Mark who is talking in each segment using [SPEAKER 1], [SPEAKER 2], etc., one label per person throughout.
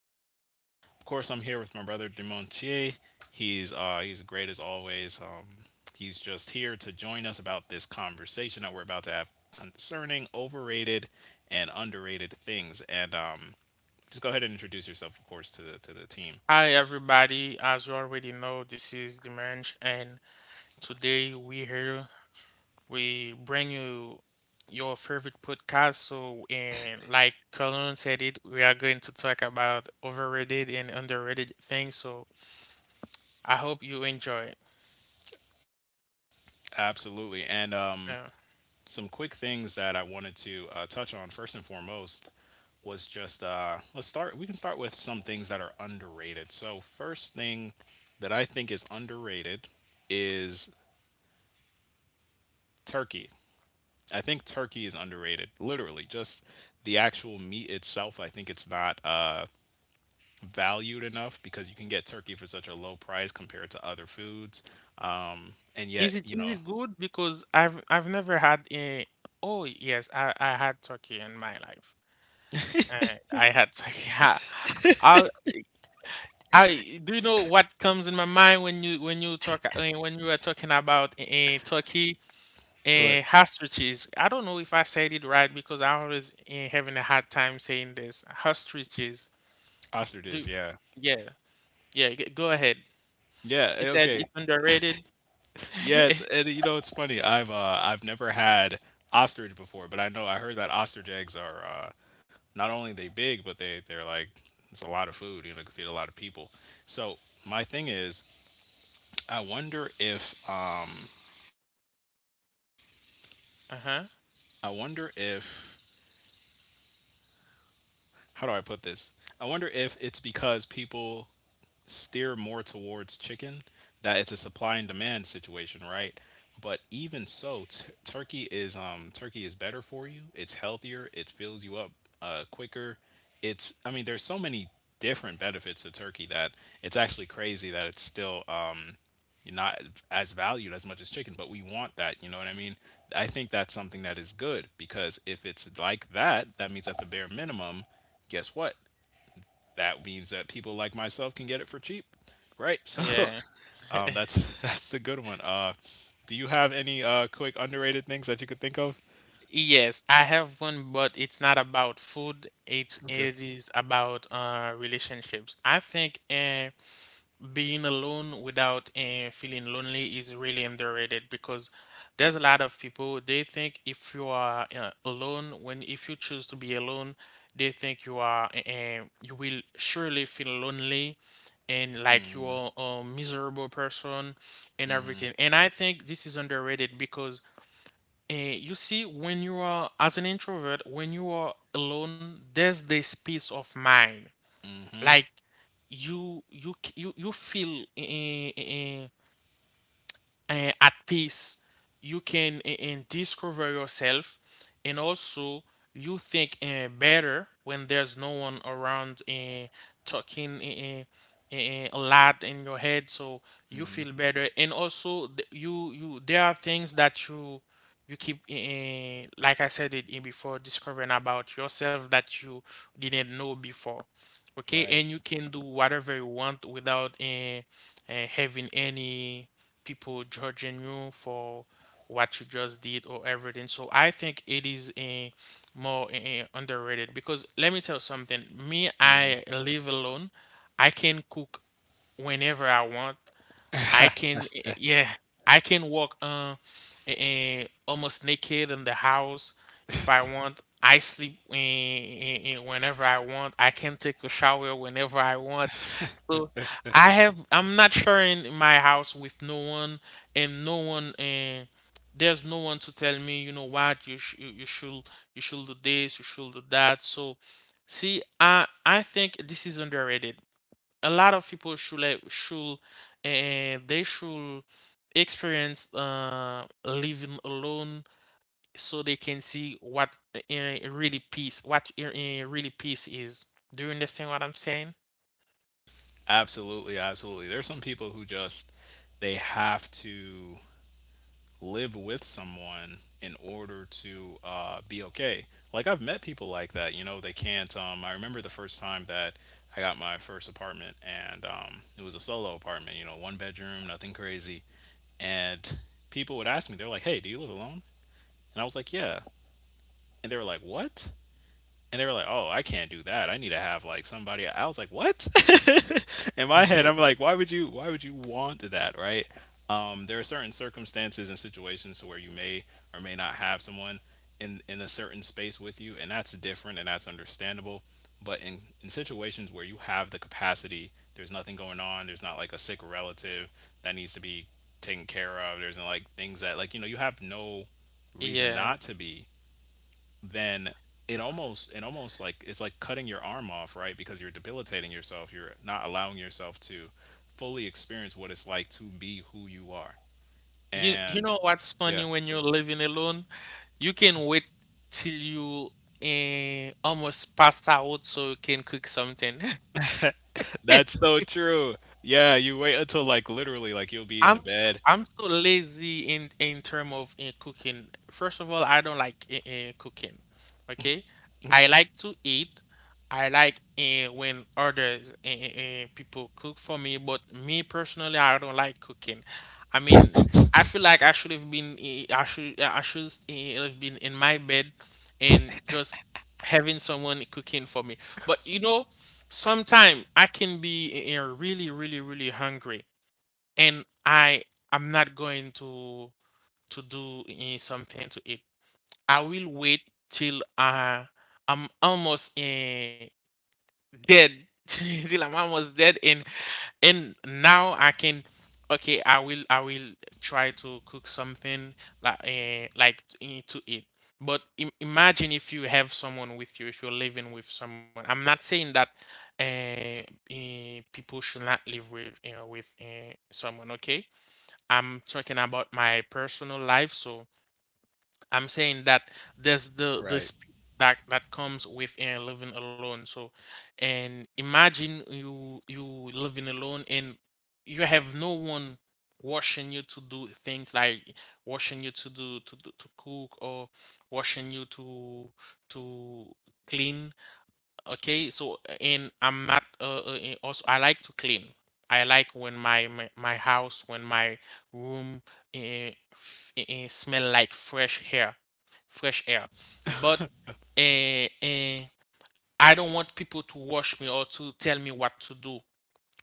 [SPEAKER 1] podcast. Of course, I'm here with my brother Demontier. He's great as always. He's just here to join us about this conversation that we're about to have concerning overrated and underrated things. And just go ahead and introduce yourself, of course, to the team.
[SPEAKER 2] Hi everybody, as you already know, this is Dimanche, and today we bring you your favorite podcast. So, and like Colin said it, we are going to talk about overrated and underrated things. So, I hope you enjoy it.
[SPEAKER 1] Absolutely. And
[SPEAKER 2] Yeah.
[SPEAKER 1] some quick things that I wanted to touch on first and foremost was just let's start. We can start with some things that are underrated. So first thing that I think is underrated is turkey. I think turkey is underrated. Literally, just the actual meat itself. I think it's not valued enough because you can get turkey for such a low price compared to other foods, and
[SPEAKER 2] Is
[SPEAKER 1] yet
[SPEAKER 2] it
[SPEAKER 1] you
[SPEAKER 2] is
[SPEAKER 1] know
[SPEAKER 2] it good? Because I've never had a. Oh yes, I had turkey in my life. I had turkey. How I do you know what comes in my mind when you talk when you were talking about in Turkey
[SPEAKER 1] What?
[SPEAKER 2] and ostriches? I don't know if I said it right because I always having a hard time saying this. Ostriches.
[SPEAKER 1] Ostriches.
[SPEAKER 2] Do
[SPEAKER 1] Yeah,
[SPEAKER 2] yeah yeah. Go ahead.
[SPEAKER 1] yeah.
[SPEAKER 2] You said
[SPEAKER 1] Okay.
[SPEAKER 2] it's underrated.
[SPEAKER 1] Yes, and you know it's funny. I've never had ostrich before, but I know I heard that ostrich eggs are not only they big, but they're like it's a lot of food. You know, could feed a lot of people. So my thing is, I wonder if,
[SPEAKER 2] Uh-huh.
[SPEAKER 1] I wonder if how do I put this? I wonder if it's because people steer more towards chicken, that it's a supply and demand situation, right? But even so, turkey is better for you. It's healthier. It fills you up quicker. It's, I mean, there's so many different benefits to turkey that it's actually crazy that it's still not as valued as much as chicken. But we want that, you know what I mean? I think that's something that is good because if it's like that, that means at the bare minimum, guess what, that means that people like myself can get it for cheap, right? So
[SPEAKER 2] Yeah.
[SPEAKER 1] that's that's a good one. Do you have any quick underrated things that you could think of?
[SPEAKER 2] Yes, I have one, but it's not about food. It's
[SPEAKER 1] Okay.
[SPEAKER 2] it is about relationships. I think being alone without feeling lonely is really underrated, because there's a lot of people, they think if you are alone, when if you choose to be alone, they think you are you will surely feel lonely and like you are a miserable person and everything. And I think this is underrated because you see, when you are, as an introvert, when you are alone, there's this peace of mind. Like you feel at peace. You can discover yourself, and also you think better when there's no one around talking a lot in your head. So you feel better. And also, you, there are things that you keep like I said it in before, discovering about yourself that you didn't know before. Okay,
[SPEAKER 1] Right.
[SPEAKER 2] and you can do whatever you want without having any people judging you for what you just did or everything. So I think it is a more eh, eh, underrated. Because let me tell you something. Me,
[SPEAKER 1] Hmm.
[SPEAKER 2] I live alone. I can cook whenever I want. Yeah, I can walk almost naked in the house if I want. I sleep whenever I want. I can take a shower whenever I want. So I'm not sharing my house with no one and there's no one to tell me, you know what, you should, you should do this, you should do that. So see, I think this is underrated. A lot of people should, and they should experience living alone, so they can see what really peace what uh, really peace is. Do you understand what I'm saying?
[SPEAKER 1] Absolutely, absolutely. There's some people who just they have to live with someone in order to be okay. Like I've met people like that. You know, they can't. I remember the first time that I got my first apartment, and it was a solo apartment. You know, one bedroom, nothing crazy. And people would ask me, they're like, hey, do you live alone? And I was like, yeah. And they were like, what? And they were like, "Oh, I can't do that. I need to have like somebody." I was like, "What?" In my head, I'm like, "Why would you? Why would you want that?" Right? There are certain circumstances and situations to where you may or may not have someone in a certain space with you, and that's different and that's understandable. But in situations where you have the capacity, there's nothing going on. There's not like a sick relative that needs to be taken care of. There's like things that, like, you know, you have no reason
[SPEAKER 2] Yeah.
[SPEAKER 1] not to be, then it almost like it's like cutting your arm off, right? Because you're debilitating yourself. You're not allowing yourself to fully experience what it's like to be who you are.
[SPEAKER 2] You
[SPEAKER 1] And
[SPEAKER 2] know what's
[SPEAKER 1] yeah,
[SPEAKER 2] funny when you're living alone? You can wait till you almost pass out so you can cook something.
[SPEAKER 1] that's so true. Yeah, you wait until like literally like you'll be in the bed.
[SPEAKER 2] I'm so lazy in term of in cooking. First of all, I don't like in cooking. Okay, I like to eat. I like when others people cook for me, but me personally, I don't like cooking. I mean, I feel like I should have been eh, I should have been in my bed and just having someone cooking for me. But you know, sometime I can be really really really hungry, and I'm not going to do something to it. I will wait till I'm almost dead, till I'm almost dead, and now I can. Okay, I will try to cook something to eat. But imagine if you have someone with you, if you're living with someone. I'm not saying that uh, people should not live with, you know, with someone. Okay, I'm talking about my personal life, so I'm saying that there's
[SPEAKER 1] Right.
[SPEAKER 2] that that comes with living alone. So, and imagine you you living alone and you have no one watching you to do things, like watching you to cook, or watching you to clean. Okay, so and I'm not and also I like to clean. I like when my house, when my room smell like fresh air, fresh air. But uh, uh, I don't want people to watch me or to tell me what to do.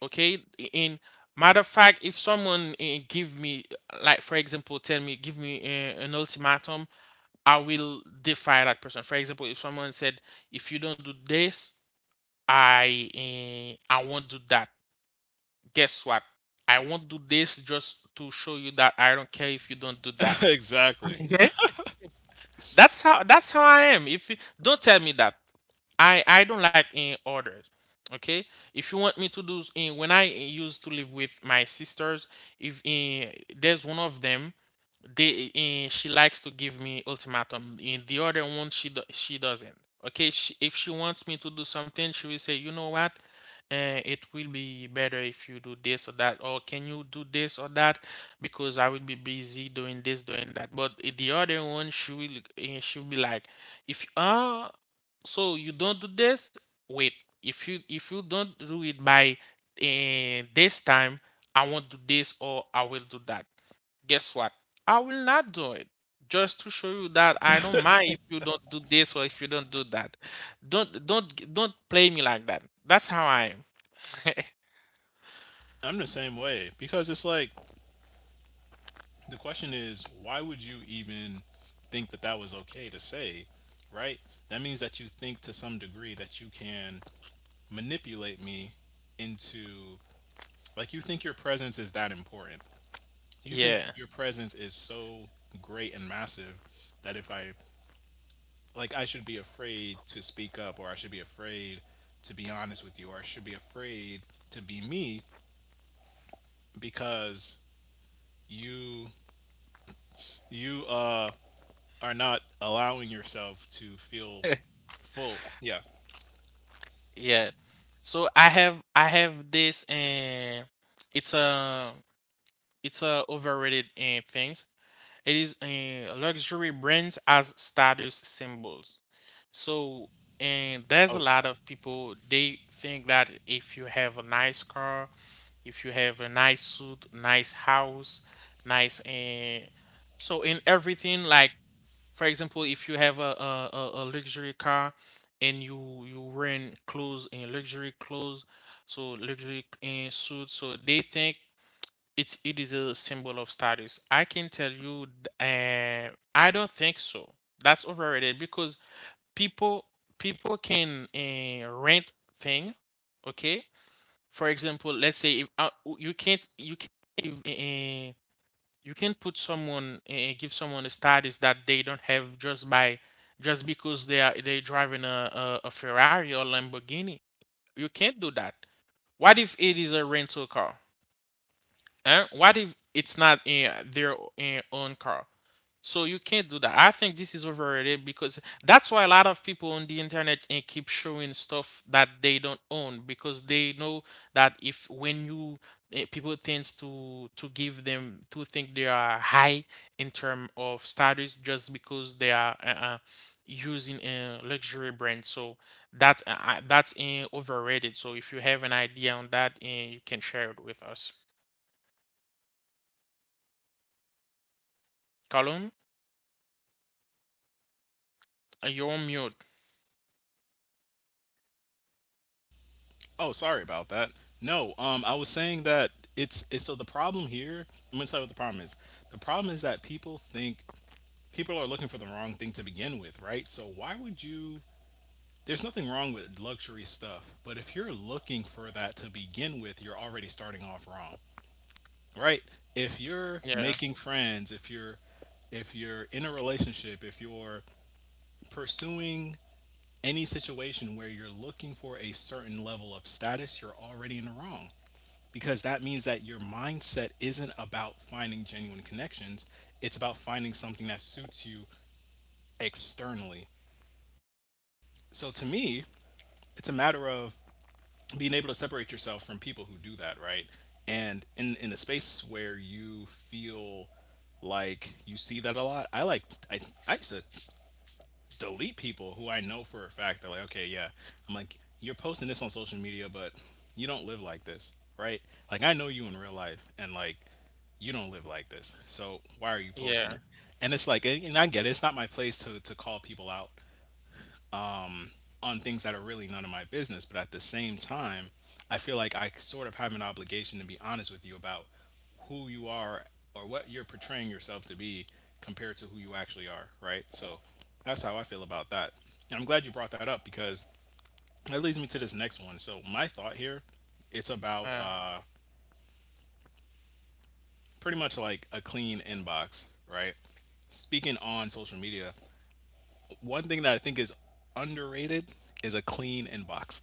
[SPEAKER 2] Okay, in matter of fact, if someone give me, like for example, tell me, give me an ultimatum, I will defy that person. For example, if someone said, if you don't do this, I won't do that. Guess what? I won't do this just to show you that I don't care if you don't do that.
[SPEAKER 1] Exactly.
[SPEAKER 2] Okay? That's how I am. If you don't tell me that. I don't like in orders. Okay? If you want me to do in when I used to live with my sisters, if there's one of them, they she likes to give me ultimatum, in the other one she doesn't. Okay, she, if she wants me to do something, she will say, you know what, it will be better if you do this or that, or can you do this or that, because I will be busy doing this, doing that. But the other one, she will be like, if so you don't do this, wait, if you don't do it by this time, I won't do this, or I will do that. Guess what? I will not do it. Just to show you that I don't mind if you don't do this or if you don't do that. Don't play me like that. That's how I am.
[SPEAKER 1] I'm the same way because it's like, the question is, why would you even think that that was okay to say, right? That means that you think to some degree that you can manipulate me into, like, you think your presence is that important. You think
[SPEAKER 2] Yeah.
[SPEAKER 1] your presence is so great and massive that if I, like, I should be afraid to speak up, or I should be afraid to be honest with you, or I should be afraid to be me because you you are not allowing yourself to feel full. Yeah.
[SPEAKER 2] Yeah. So I have this, and it's a it's a overrated things. It is luxury brands as status symbols. So, and there's
[SPEAKER 1] Oh.
[SPEAKER 2] a lot of people, they think that if you have a nice car, if you have a nice suit, nice house, nice so in everything, like for example, if you have a luxury car and you rent clothes and luxury clothes, so luxury and suits, so they think it is a symbol of status. I can tell you, uh, I don't think so. That's overrated, because people people can rent thing. Okay, for example, let's say if, you can't, you can't put someone, give someone a status that they don't have just by, just because they driving a Ferrari or Lamborghini. You can't do that. What if it is a rental car? Huh? What if it's not their own car? So you can't do that. I think this is overrated, because that's why a lot of people on the internet and keep showing stuff that they don't own, because they know that if when you people tends to give them to think they are high in term of status just because they are using a luxury brand. So that's overrated. So if you have an idea on that, you can share it with us. Column, you're on mute.
[SPEAKER 1] Oh, sorry about that. No, I was saying that it's so the problem here. I'm gonna tell you what the problem is. The problem is that people think, people are looking for the wrong thing to begin with, right? So why would you? There's nothing wrong with luxury stuff, but if you're looking for that to begin with, you're already starting off wrong, right? If you're
[SPEAKER 2] Yeah,
[SPEAKER 1] making friends, if you're in a relationship, if you're pursuing any situation where you're looking for a certain level of status, you're already in the wrong, because that means that your mindset isn't about finding genuine connections, it's about finding something that suits you externally. So to me, it's a matter of being able to separate yourself from people who do that, right? And in a space where you feel like, you see that a lot. I like I I used to delete people who I know for a fact, they're like, okay, yeah, I'm like, you're posting this on social media, but you don't live like this, right? Like, I know you in real life, and like, you don't live like this, so why are you posting
[SPEAKER 2] yeah.
[SPEAKER 1] it? And it's like, and I get it, it's not my place to call people out on things that are really none of my business. But at the same time, I feel like I sort of have an obligation to be honest with you about who you are or what you're portraying yourself to be compared to who you actually are, right? So that's how I feel about that. And I'm glad you brought that up because that leads me to this next one. So my thought here, it's about
[SPEAKER 2] Uh,
[SPEAKER 1] pretty much like a clean inbox, right? Speaking on social media, one thing that I think is underrated is a clean inbox.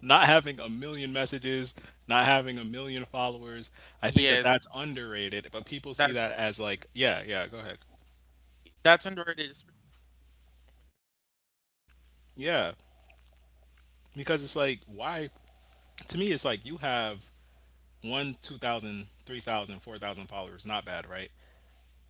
[SPEAKER 1] Not having a million messages, not having a million followers. I think that
[SPEAKER 2] Yes,
[SPEAKER 1] that's underrated, but people see
[SPEAKER 2] That
[SPEAKER 1] that as like, yeah, yeah, go ahead.
[SPEAKER 2] that's under the
[SPEAKER 1] Yeah, because it's like, why? To me, it's like you have one, 2,000, 3,000, 4,000 followers. Not bad, right?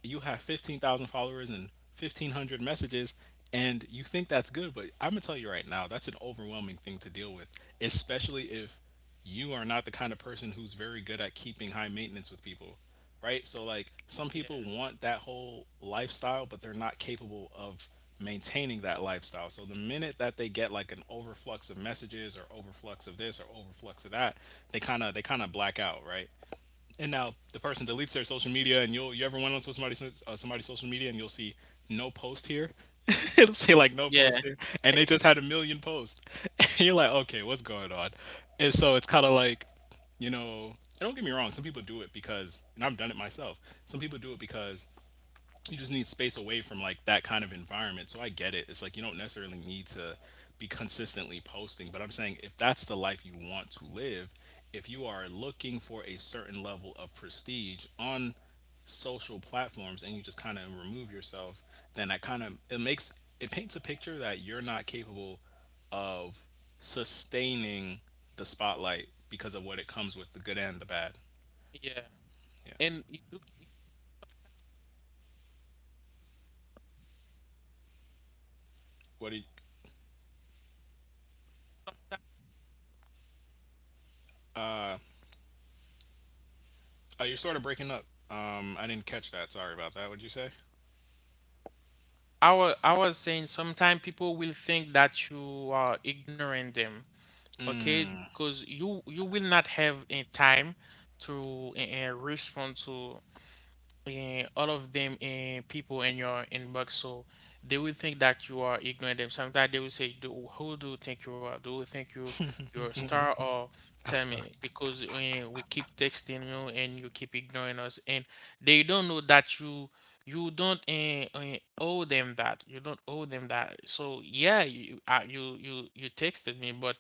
[SPEAKER 1] You have 15,000 followers and 1,500 messages, and you think that's good, but I'm going to tell you right now, that's an overwhelming thing to deal with, especially if you are not the kind of person who's very good at keeping high maintenance with people, right? So, like, some
[SPEAKER 2] yeah.
[SPEAKER 1] people want that whole lifestyle, but they're not capable of maintaining that lifestyle. So, the minute that they get like an overflux of messages or overflux of this or overflux of that, they kind of black out, right? And
[SPEAKER 2] Like,
[SPEAKER 1] now the person deletes their social media, and you'll, you ever went on to somebody's, somebody's social media, and you'll see, no post here. It'll say like, no
[SPEAKER 2] yeah.
[SPEAKER 1] post here, and they just had a million posts. And you're like, okay, what's going on? And so it's kind of like, you know, and don't get me wrong, some people do it because, and I've done it myself. Some people do it because you just need space away from like that kind of environment. So I get it. It's like you don't necessarily need to be consistently posting, but I'm saying, if that's the life you want to live, if you are looking for a certain level of prestige on social platforms and you just kind of remove yourself, then that kind of, it makes, it paints a picture that you're not capable of sustaining the spotlight because of what it comes with, the good and the bad.
[SPEAKER 2] Yeah.
[SPEAKER 1] Yeah.
[SPEAKER 2] And it do.
[SPEAKER 1] What do you, you're sort of breaking up. I didn't catch that. Sorry about that. What'd you say?
[SPEAKER 2] I was saying sometimes people will think that you are ignoring them. Okay? Because you will not have a time to respond to eh, all of them eh, people in your inbox, so they will think that you are ignoring them. Sometimes they will say, do, "Who do you think you are? Do you think you're a star?" Or tell me, because we keep texting you and you keep ignoring us, and they don't know that you don't owe them that. You don't owe them that. So yeah, you texted me, but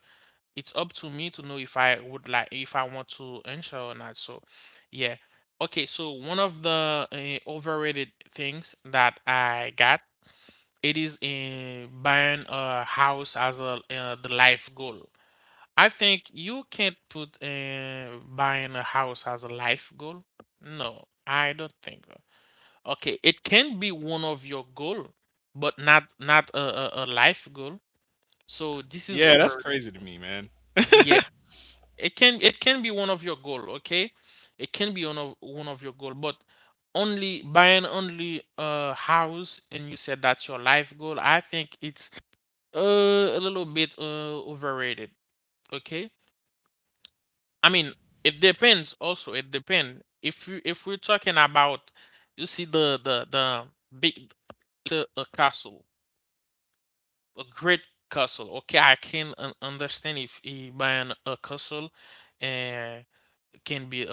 [SPEAKER 2] it's up to me to know if I would like if I want to enter or not. So, yeah. Okay, so one of the overrated things that I got, it is in buying a house as a the life goal. I think you can't put buying a house as a life goal. No, I don't think so. Okay, it can be one of your goal, but not a life goal. So this is
[SPEAKER 1] Yeah, that's
[SPEAKER 2] overrated.
[SPEAKER 1] crazy to me, man.
[SPEAKER 2] It can be one of your goal. Okay, it can be one of your goal, but only buying only a house, and you said that's your life goal. I think it's uh, a little bit overrated. Okay, I mean, it depends. Also it depends if you if we're talking about, you see, the big, to a castle, a great castle. Okay, I can understand if he buying a castle can be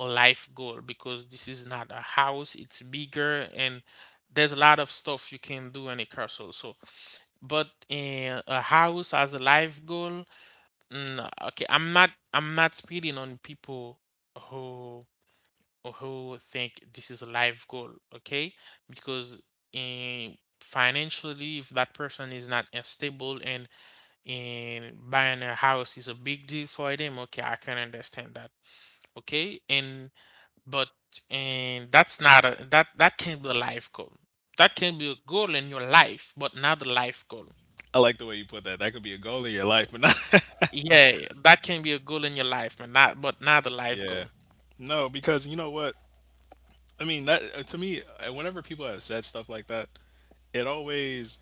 [SPEAKER 2] a life goal, because this is not a house, it's bigger, and there's a lot of stuff you can do in a castle. So, but a house as a life goal, okay, I'm not speaking on people who who think this is a life goal, okay? Because eh, financially, if that person is not stable, and buying a house is a big deal for them, okay, I can understand that. Okay, and but, and that's not a that that can be a life goal. That can be a goal in your life, but not a life goal.
[SPEAKER 1] I like the way you put that. That could be a goal in your life, but not.
[SPEAKER 2] Yeah, that can be a goal in your life, but not a life
[SPEAKER 1] Yeah.
[SPEAKER 2] goal.
[SPEAKER 1] No, because you know what? I mean, that, to me, whenever people have said stuff like that, it always.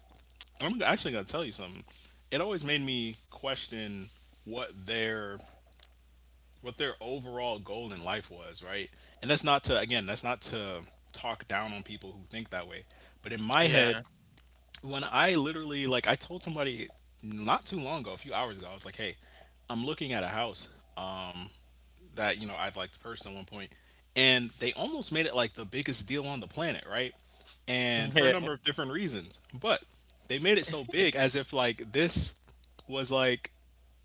[SPEAKER 1] I'm actually gonna tell you something. It always made me question what their, what their overall goal in life was, right? And that's not to, again, that's not to talk down on people who think that way. But in my head,
[SPEAKER 2] Yeah,
[SPEAKER 1] when I literally, like, I told somebody not too long ago, a few hours ago, I was like, "Hey, I'm looking at a house that, you know, I'd like to purchase at one point," and they almost made it like the biggest deal on the planet, right? And for a
[SPEAKER 2] yeah,
[SPEAKER 1] number of different reasons, but they made it so big as if like this was like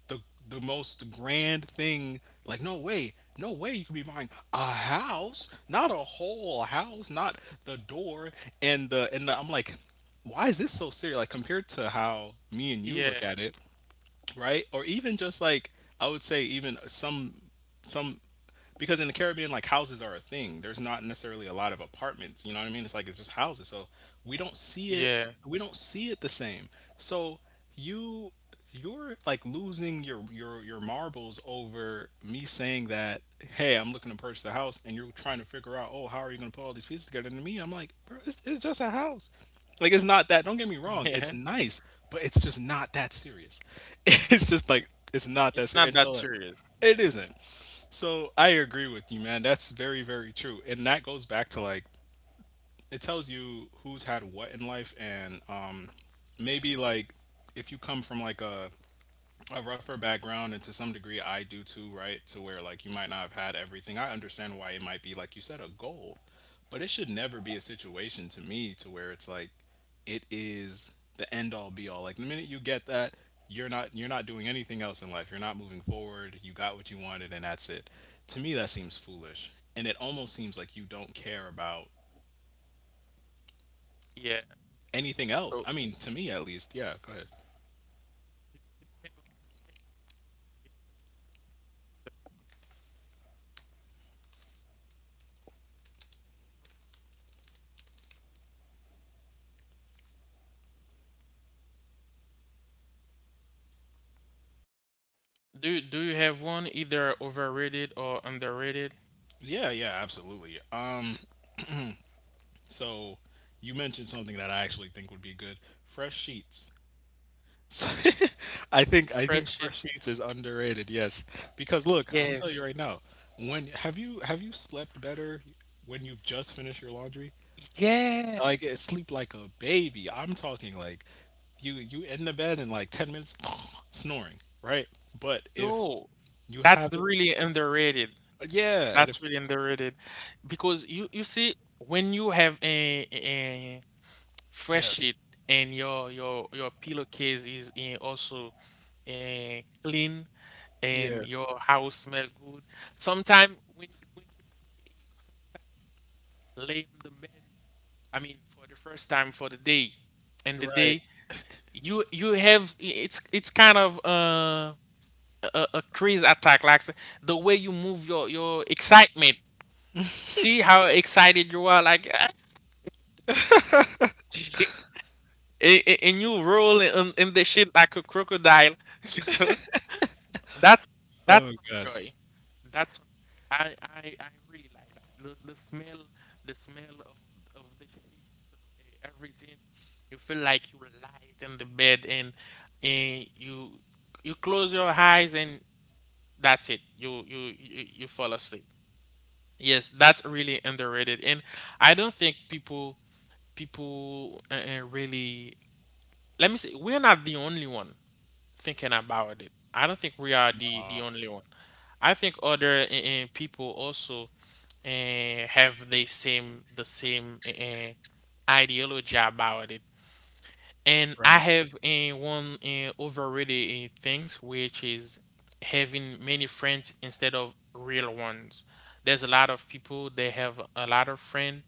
[SPEAKER 1] the the most grand thing. Like, no way, no way you could be buying a house, not a whole house, not the door and the, I'm like, why is this so serious? Like, compared to how me and you
[SPEAKER 2] yeah,
[SPEAKER 1] look at it, right? Or even just like I would say even some because in the Caribbean, like houses are a thing. There's not necessarily a lot of apartments. You know what I mean? It's like it's just houses. So we don't see it.
[SPEAKER 2] yeah,
[SPEAKER 1] We don't see it the same. So you you're like losing your marbles over me saying that, hey, I'm looking to purchase a house, and you're trying to figure out, oh, how are you going to put all these pieces together. And to me, I'm like, bro, it's just a house. Like, it's not that, don't get me wrong,
[SPEAKER 2] yeah.
[SPEAKER 1] it's nice, but it's just not that serious. It's just like it's not
[SPEAKER 2] It's
[SPEAKER 1] that serious.
[SPEAKER 2] not
[SPEAKER 1] And
[SPEAKER 2] that
[SPEAKER 1] so like
[SPEAKER 2] serious. Yeah,
[SPEAKER 1] it isn't. So I agree with you, man. That's very, very true. And that goes back to like it tells you who's had what in life. And maybe like if you come from like a rougher background, and to some degree I do too, right? To where like you might not have had everything. I understand why it might be, like you said, a goal, but it should never be a situation to me to where it's like it is the end all be all. Like the minute you get that, you're not doing anything else in life. You're not moving forward. You got what you wanted and that's it. To me that seems foolish. And it almost seems like you don't care about
[SPEAKER 2] yeah.
[SPEAKER 1] anything else.
[SPEAKER 2] So,
[SPEAKER 1] I mean, to me at least. Yeah, go ahead.
[SPEAKER 2] do you have one, either overrated or underrated?
[SPEAKER 1] Yeah, yeah, absolutely. So you mentioned something that I actually think would be good: fresh sheets. I think
[SPEAKER 2] Fresh it.
[SPEAKER 1] fresh sheets is underrated. Yes, because look, I'm telling
[SPEAKER 2] Yes.
[SPEAKER 1] you right now. When have you slept better when you've just finished your laundry?
[SPEAKER 2] Yeah,
[SPEAKER 1] Like it- sleep like a baby. I'm talking like you in the bed in like 10 minutes, snoring, right? But if
[SPEAKER 2] yo,
[SPEAKER 1] you
[SPEAKER 2] that's
[SPEAKER 1] have it,
[SPEAKER 2] really underrated.
[SPEAKER 1] yeah, and
[SPEAKER 2] That's
[SPEAKER 1] if you,
[SPEAKER 2] really underrated, because you see, when you have a fresh
[SPEAKER 1] yeah,
[SPEAKER 2] sheet and your pillowcase is in also clean, and
[SPEAKER 1] yeah,
[SPEAKER 2] your house smell good. Sometimes when you lay on the bed, I mean, for the first time for the day, and the
[SPEAKER 1] right.
[SPEAKER 2] day you have, it's kind of a crazy attack, like the way you move, your excitement, see how excited you are, like and you roll in the shit like a crocodile. that's that's
[SPEAKER 1] Oh
[SPEAKER 2] some
[SPEAKER 1] God.
[SPEAKER 2] joy, that's I really like that, the smell, the smell of the sheets, everything. You feel like you light in the bed, and and you you close your eyes, and that's it, you fall asleep. Yes, that's really underrated, and I don't think people really. Let me say, we're not the only one thinking about it. I don't think we are the
[SPEAKER 1] Uh,
[SPEAKER 2] only one. I think other people also have the same ideology about it. And I
[SPEAKER 1] right.
[SPEAKER 2] have one overrated things, which is having many friends instead of real ones. There's a lot of people, they have a lot of friends,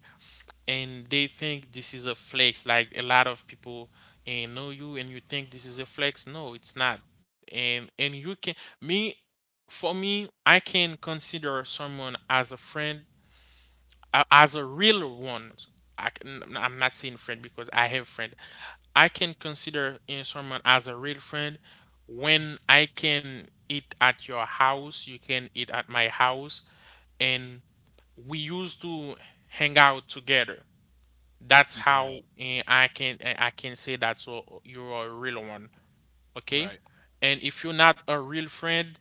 [SPEAKER 2] and they think this is a flex. Like, a lot of people and know you, and you think this is a flex. No, it's not. And you can me for me, I can consider someone as a friend, as a real one. I'm not saying friend because I have friend. I can consider someone as a real friend when I can eat at your house, you can eat at my house, and we used to hang out together. That's
[SPEAKER 1] Yeah.
[SPEAKER 2] how I can say that, so you're a real one, okay?
[SPEAKER 1] Right.
[SPEAKER 2] And if you're not a real friend,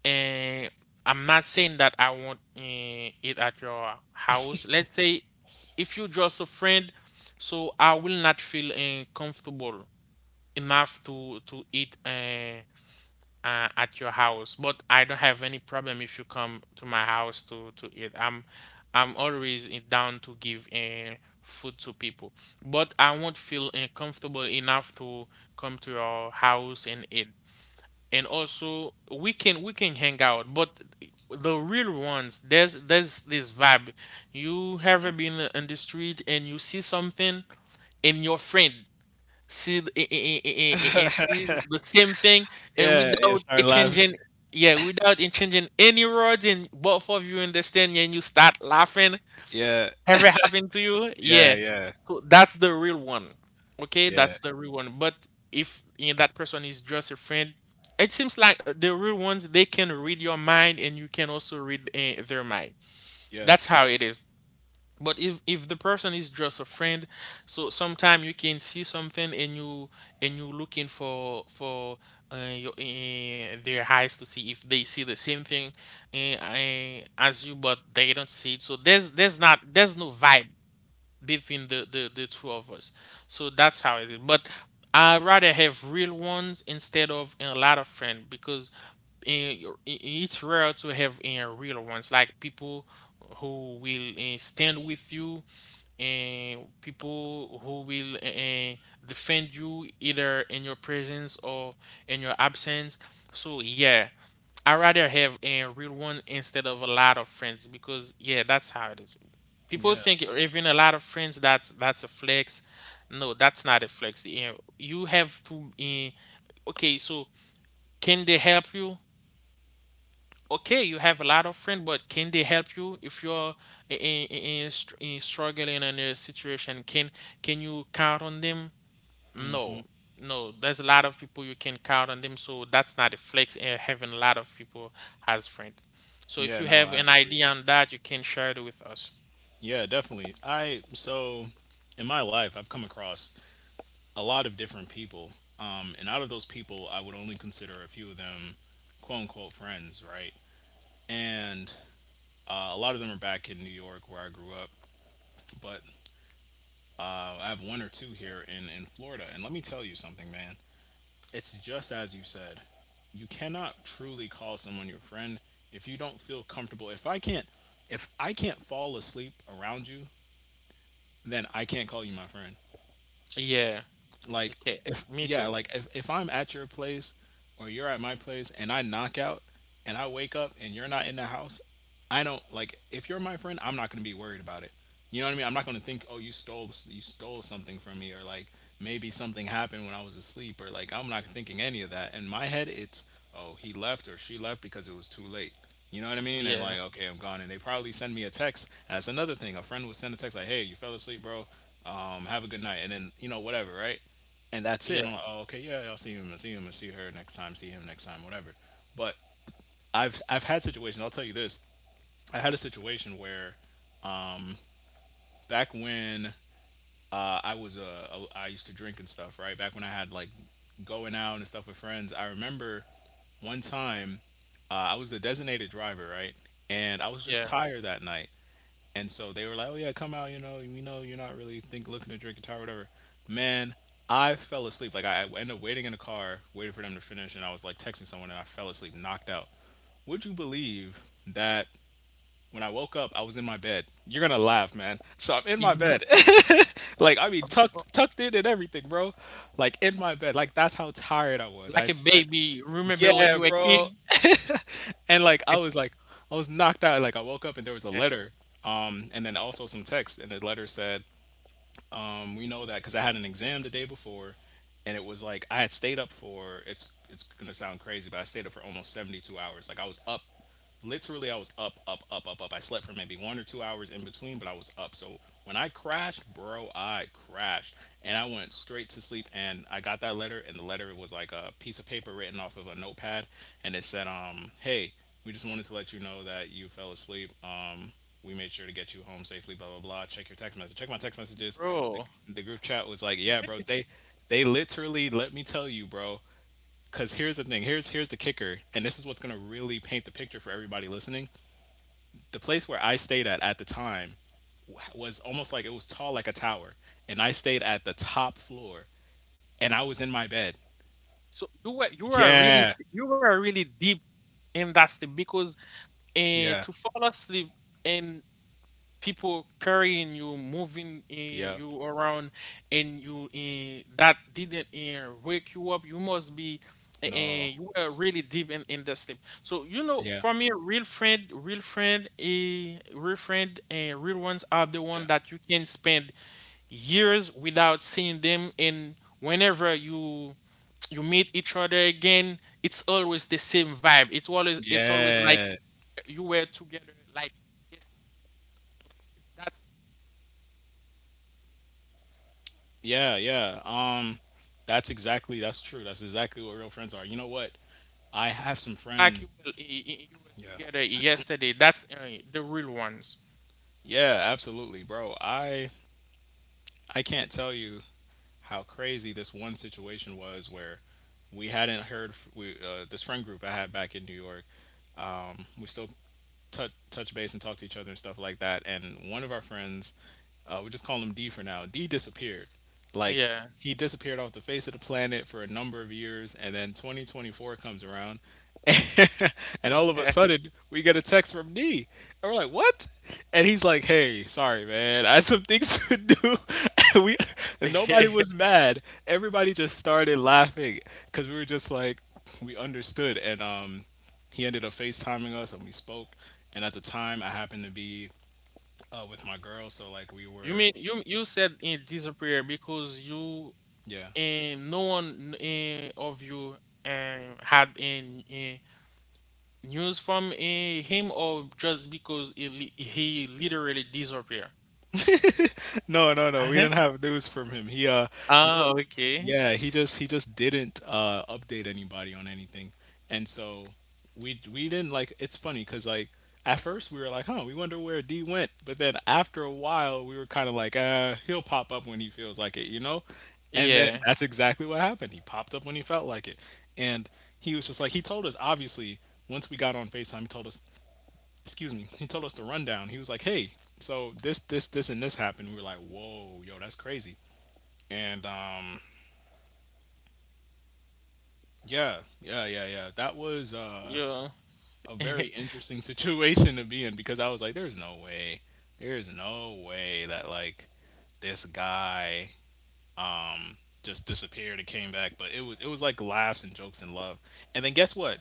[SPEAKER 2] and I'm not saying that I want it at your house, let's say, if you're just a friend, so I will not feel comfortable enough to eat, at your house. But I don't have any problem if you come to my house to eat. I'm always down to give food to people, but I won't feel comfortable enough to come to your house and eat. And also, we can hang out, but the real ones, there's this vibe. You ever been in the street, and you see something in your friend, see see the same thing, and
[SPEAKER 1] Yeah, yeah,
[SPEAKER 2] without
[SPEAKER 1] start
[SPEAKER 2] it
[SPEAKER 1] laughing.
[SPEAKER 2] changing. Yeah, without it changing any words, and both of you understand and you start laughing.
[SPEAKER 1] Yeah,
[SPEAKER 2] Ever happened to you?
[SPEAKER 1] yeah,
[SPEAKER 2] Yeah,
[SPEAKER 1] yeah,
[SPEAKER 2] so that's the real one. Okay,
[SPEAKER 1] yeah.
[SPEAKER 2] that's the real one. But if that person is just a friend, it seems like the real ones, they can read your mind, and you can also read their mind. That's
[SPEAKER 1] Yes.
[SPEAKER 2] how it is. But if the person is just a friend, so sometime you can see something, and you looking for their eyes to see if they see the same thing, as you, but they don't see it. So there's no vibe between the two of us. So that's how it is. But I rather have real ones instead of a lot of friends, because it's rare to have real ones, like people who will stand with you, and people who will defend you, either in your presence or in your absence. So yeah, I rather have a real one instead of a lot of friends, because yeah, that's how it is. People
[SPEAKER 1] Yeah.
[SPEAKER 2] think having a lot of friends, that's a flex. No, that's not a flex. You have to. Okay, so can they help you? Okay, you have a lot of friends, but can they help you if you're in struggling in a situation? Can you count on them?
[SPEAKER 1] hmm
[SPEAKER 2] No, no. There's a lot of people you can count on them, so that's not a flex. Having a lot of people as friends. So if
[SPEAKER 1] Yeah,
[SPEAKER 2] you
[SPEAKER 1] no,
[SPEAKER 2] have
[SPEAKER 1] I
[SPEAKER 2] an
[SPEAKER 1] agree.
[SPEAKER 2] idea on that, you can share it with us.
[SPEAKER 1] Yeah, definitely. I so in my life I've come across a lot of different people. And out of those people I would only consider a few of them quote unquote friends, right? And a lot of them are back in New York where I grew up, but uh, I have one or two here in Florida. And let me tell you something, man. It's just as you said. You cannot truly call someone your friend if you don't feel comfortable. If I can't fall asleep around you, then I can't call you my friend.
[SPEAKER 2] Yeah.
[SPEAKER 1] Like
[SPEAKER 2] Okay.
[SPEAKER 1] if,
[SPEAKER 2] Me
[SPEAKER 1] yeah,
[SPEAKER 2] too.
[SPEAKER 1] like if I'm at your place or you're at my place and I knock out, and I wake up and you're not in the house, I don't, like if you're my friend, I'm not gonna be worried about it. You know what I mean? I'm not gonna think, oh, you stole something from me, or like maybe something happened when I was asleep, or like I'm not thinking any of that. In my head, it's, oh, he left or she left because it was too late. You know what I mean? And
[SPEAKER 2] Yeah.
[SPEAKER 1] like, okay, I'm gone. And they probably send me a text. And that's another thing. A friend would send a text like, "Hey, you fell asleep, bro. Have a good night." And then, you know, whatever, right? And that's it. And
[SPEAKER 2] Yeah.
[SPEAKER 1] I'm like, oh, okay, yeah, I'll see him, I'll see him, I'll see her next time, see him next time, whatever. But I've had situations. I'll tell you this. I had a situation where, um, back when I was I used to drink and stuff, right? Back when I had like going out and stuff with friends. I remember one time, I was the designated driver, right? And I was just
[SPEAKER 2] Yeah.
[SPEAKER 1] tired that night. And so they were like, "Oh yeah, come out. You know, we know you're not really think looking to drink a tire, whatever." Man, I fell asleep. Like I ended up waiting in the car, waiting for them to finish, and I was like texting someone, and I fell asleep, knocked out. Would you believe that when I woke up, I was in my bed? You're gonna laugh, man. So I'm in my bed, like I mean tucked in and everything, bro. Like in my bed, like that's how tired I was. I
[SPEAKER 2] Like
[SPEAKER 1] had
[SPEAKER 2] a
[SPEAKER 1] spent,
[SPEAKER 2] baby. Remember when
[SPEAKER 1] yeah,
[SPEAKER 2] you were a kid,
[SPEAKER 1] bro. And like I was knocked out. Like I woke up and there was a letter, and then also some text. And the letter said, "We know that because I had an exam the day before, and it was like I had stayed up for, it's gonna sound crazy, but I stayed up for almost 72 hours. Like I was up, literally I was up, up, up, up, up. I slept for maybe 1 or 2 hours in between, but I was up. So when I crashed, bro, I crashed. And I went straight to sleep, and I got that letter, and the letter was like a piece of paper written off of a notepad, and it said, hey, we just wanted to let you know that you fell asleep. We made sure to get you home safely, blah blah blah. Check your text message. Check my text messages.
[SPEAKER 2] bro?
[SPEAKER 1] The group chat was like, yeah, bro, they literally, let me tell you, bro. Cause here's the thing. Here's the kicker, and this is what's gonna really paint the picture for everybody listening. The place where I stayed at the time was almost like, it was tall like a tower, and I stayed at the top floor, and I was in my bed.
[SPEAKER 2] So
[SPEAKER 1] Yeah,
[SPEAKER 2] you were really deep in that sleep, because
[SPEAKER 1] yeah,
[SPEAKER 2] to fall asleep, and people carrying you, moving
[SPEAKER 1] yeah.
[SPEAKER 2] you around, and you that didn't wake you up. You must be uh,
[SPEAKER 1] No,
[SPEAKER 2] you were really deep in the sleep. So you know,
[SPEAKER 1] yeah,
[SPEAKER 2] for me, a real friend, and real ones are the
[SPEAKER 1] yeah,
[SPEAKER 2] one that you can spend years without seeing them, and whenever you meet each other again, it's always the same vibe, it's always like
[SPEAKER 1] yeah,
[SPEAKER 2] you were together like yes- that
[SPEAKER 1] yeah, yeah. That's exactly, that's true. That's exactly what real friends are. You know what? I have some
[SPEAKER 2] like you
[SPEAKER 1] friends.
[SPEAKER 2] were, you were
[SPEAKER 1] Yeah,
[SPEAKER 2] together yesterday. That's the real ones.
[SPEAKER 1] yeah, absolutely, bro. I can't tell you how crazy this one situation was where we hadn't heard f- we this friend group I had back in New York. We still touch base and talk to each other and stuff like that. And one of our friends, we just call him D for now. D disappeared, like
[SPEAKER 2] Yeah.
[SPEAKER 1] he disappeared off the face of the planet for a number of years, and then 2024 comes around, and all of a sudden, we get a text from D. And we're like, what? And he's like, hey, sorry, man. I had some things to do. And we, and nobody was mad. Everybody just started laughing because we were just like, we understood. And he ended up FaceTiming us and we spoke. And at the time, I happened to be with my girl. So, like, we
[SPEAKER 2] You
[SPEAKER 1] were,
[SPEAKER 2] mean, you said it disappear because you
[SPEAKER 1] yeah.
[SPEAKER 2] and no one of you had in news from him, or just because he, he literally disappeared?
[SPEAKER 1] No, no, no. We
[SPEAKER 2] Uh-huh.
[SPEAKER 1] didn't have news from him. He you know
[SPEAKER 2] Oh, okay.
[SPEAKER 1] yeah, he just he just didn't update anybody on anything. And so we didn't, like it's funny cuz like at first we were like, "Huh, we wonder where D went." But then after a while, we were kind of like, he'll pop up when he feels like it," you know? And then
[SPEAKER 2] Yeah.
[SPEAKER 1] that's exactly what happened. He popped up when he felt like it. And he was just like, he told us, obviously, once we got on FaceTime, he told us, excuse me, he told us the rundown. He was like, "Hey, so this, and this happened." We were like, "Whoa, yo, that's crazy." And yeah, yeah, yeah, yeah. That was
[SPEAKER 2] Yeah.
[SPEAKER 1] a very interesting situation to be in because I was like, there's no way that like this guy just disappeared and came back." But it was like laughs and jokes and love. And then guess what?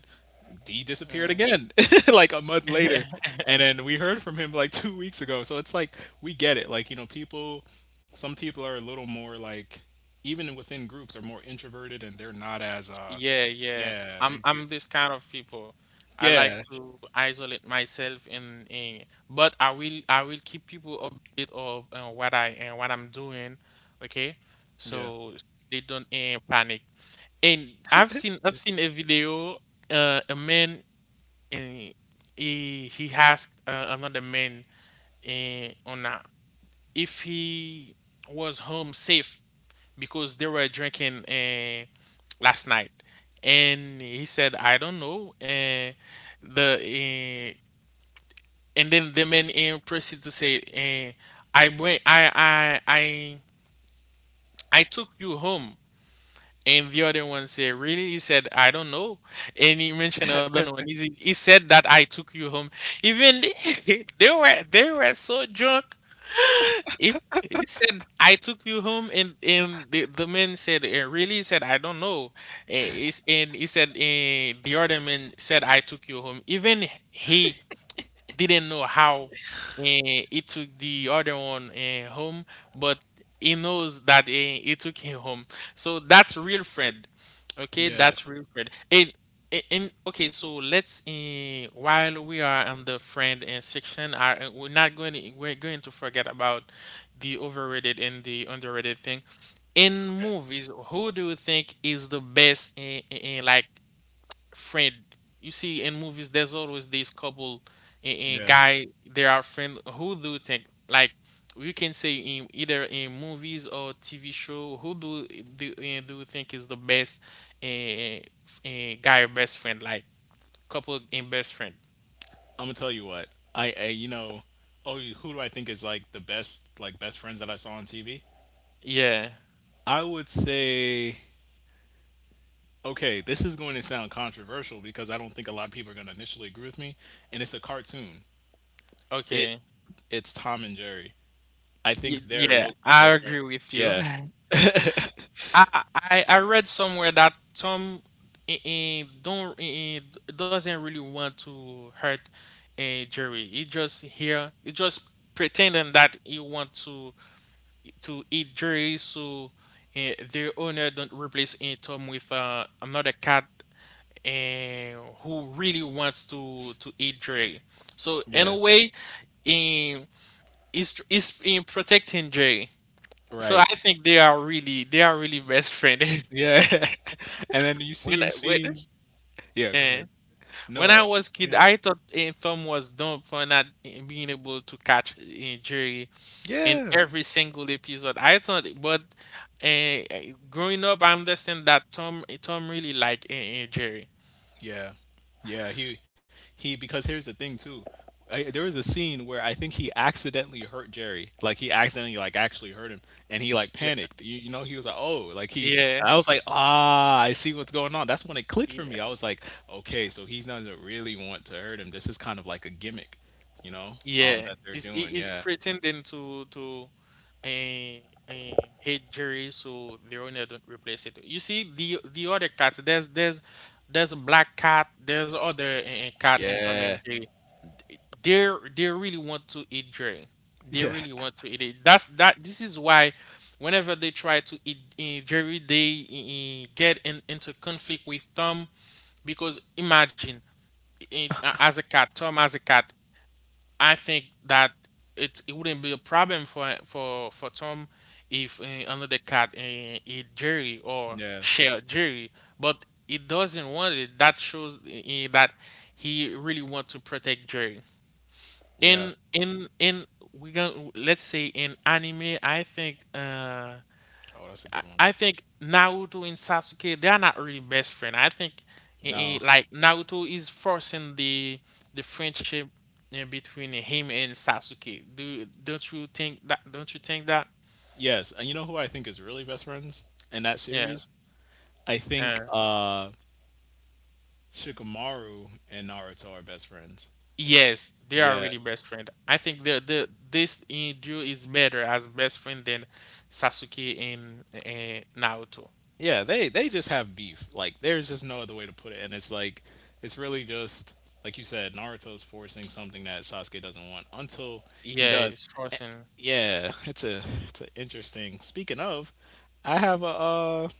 [SPEAKER 1] He disappeared
[SPEAKER 2] Mm.
[SPEAKER 1] again like a month later, and then we heard from him like 2 weeks ago. So it's like, we get it, like you know, people, some people are a little more like, even within groups, are more introverted and they're not as uh,
[SPEAKER 2] Yeah, yeah.
[SPEAKER 1] yeah they do,
[SPEAKER 2] I'm this kind of people. I like
[SPEAKER 1] yeah,
[SPEAKER 2] to isolate myself in, but I will keep people updated of what I and what I'm doing, okay?
[SPEAKER 1] yeah,
[SPEAKER 2] So they don't panic. And I've seen a video, a man, and he asked another man on if he was home safe, because they were drinking last night, and he said, "I don't know." The And then the man proceeded to say, "I went, I took you home." And the other one said, "Really?" He said, "I don't know." And he mentioned another one. He said that, "I took you home." Even they, they were so drunk. He said, "I took you home." And, the man said, "Eh, really?" He said, "I don't know. And he said, the other man said, 'I took you home.'" Even he didn't know how he took the other one home, but he knows that he took him home. So that's real friend. Okay,
[SPEAKER 1] yeah,
[SPEAKER 2] that's real friend. And, okay, so let's, while we are on the friend section, we're not going to, we're going to forget about the overrated and the underrated thing, in
[SPEAKER 1] okay,
[SPEAKER 2] movies. Who do you think is the best like friend. You see, in movies, there's always this couple, and
[SPEAKER 1] yeah.
[SPEAKER 2] guy. They are friend. Who do you think? Like, you can say in either in movies or TV show. Who do you think is the best guy or best friend? Like, couple and best friend.
[SPEAKER 1] I'm gonna tell you what, I, you know, oh, you- who do I think is like the best like best friends that I saw on TV?
[SPEAKER 2] Yeah.
[SPEAKER 1] I would say, okay, this is going to sound controversial because I don't think a lot of people are going to initially agree with me, and it's a cartoon. It
[SPEAKER 2] Okay.
[SPEAKER 1] it's Tom and Jerry. I think they're
[SPEAKER 2] Yeah,
[SPEAKER 1] low key
[SPEAKER 2] I
[SPEAKER 1] best friends.
[SPEAKER 2] agree with you.
[SPEAKER 1] Yeah,
[SPEAKER 2] I I read somewhere that Tom, eh, eh, don't eh, eh, d- doesn't really want to hurt Jerry. He just here, he just pretending that he want to eat Jerry, so their owner don't replace Tom with another cat eh, who really wants to eat Jerry. So in
[SPEAKER 1] yeah,
[SPEAKER 2] a way, in is in protecting Jerry. So I
[SPEAKER 1] right.
[SPEAKER 2] think they are really best friend.
[SPEAKER 1] Yeah, and then you
[SPEAKER 2] when
[SPEAKER 1] seen
[SPEAKER 2] I- when
[SPEAKER 1] scenes. Yeah, go ahead.
[SPEAKER 2] Yeah. When I
[SPEAKER 1] No,
[SPEAKER 2] was kid,
[SPEAKER 1] yeah,
[SPEAKER 2] I thought Tom was dumb for not being able to catch Jerry in
[SPEAKER 1] yeah.
[SPEAKER 2] every single episode. I thought, but uh, growing up, I understand that Tom really like Jerry.
[SPEAKER 1] Yeah, yeah. He, he. Because here's the thing too. There was a scene where I think he accidentally hurt Jerry. Like he accidentally, like, actually hurt him, and he like
[SPEAKER 2] Yeah.
[SPEAKER 1] panicked. You know he was like, oh, like he. And
[SPEAKER 2] Yeah.
[SPEAKER 1] I was like, ah, I see what's going on. That's when it clicked for
[SPEAKER 2] Yeah.
[SPEAKER 1] me. I was like, okay, so he doesn't really want to hurt him. This is kind of like a gimmick, you know
[SPEAKER 2] Yeah.
[SPEAKER 1] that they're doing.
[SPEAKER 2] He's
[SPEAKER 1] Yeah,
[SPEAKER 2] pretending to uh, hate Jerry, so the owner don't replace it. You see the other cats. There's a black cat. There's other cat in Tom and
[SPEAKER 1] yeah.
[SPEAKER 2] Jerry. They really want to eat dray. They
[SPEAKER 1] Yeah,
[SPEAKER 2] really want to eat it. That's that. This is why, whenever they try to eat dairy, they get into conflict with Tom because imagine as a cat, Tom as a cat. I think that it wouldn't be a problem for for Tom if another cat eat dairy or
[SPEAKER 1] yeah,
[SPEAKER 2] share dairy, but he doesn't want it. That shows that he really want to protect Jerry.
[SPEAKER 1] yeah.
[SPEAKER 2] In we gon' let's say in anime, I think
[SPEAKER 1] Oh, that's a
[SPEAKER 2] I,
[SPEAKER 1] good one.
[SPEAKER 2] I think Naruto and Sasuke they are not really best friend. I think
[SPEAKER 1] No,
[SPEAKER 2] like Naruto is forcing the friendship between him and Sasuke. Do Don't you think that? Don't you think that?
[SPEAKER 1] yes, and you know who I think is really best friends in that
[SPEAKER 2] Yeah.
[SPEAKER 1] series. I
[SPEAKER 2] Uh,
[SPEAKER 1] think Shikamaru and Naruto are best friends.
[SPEAKER 2] yes, they are
[SPEAKER 1] Yeah.
[SPEAKER 2] really best friend. I think the this duo is better as best friend than Sasuke and Naruto.
[SPEAKER 1] Yeah, they just have beef. Like, there's just no other way to put it, and it's like it's really just like you said, Naruto's forcing something that Sasuke doesn't want until he
[SPEAKER 2] Yeah,
[SPEAKER 1] does.
[SPEAKER 2] it's
[SPEAKER 1] Eh,
[SPEAKER 2] forcing.
[SPEAKER 1] Yeah, it's a it's an interesting. Speaking of, I have a uh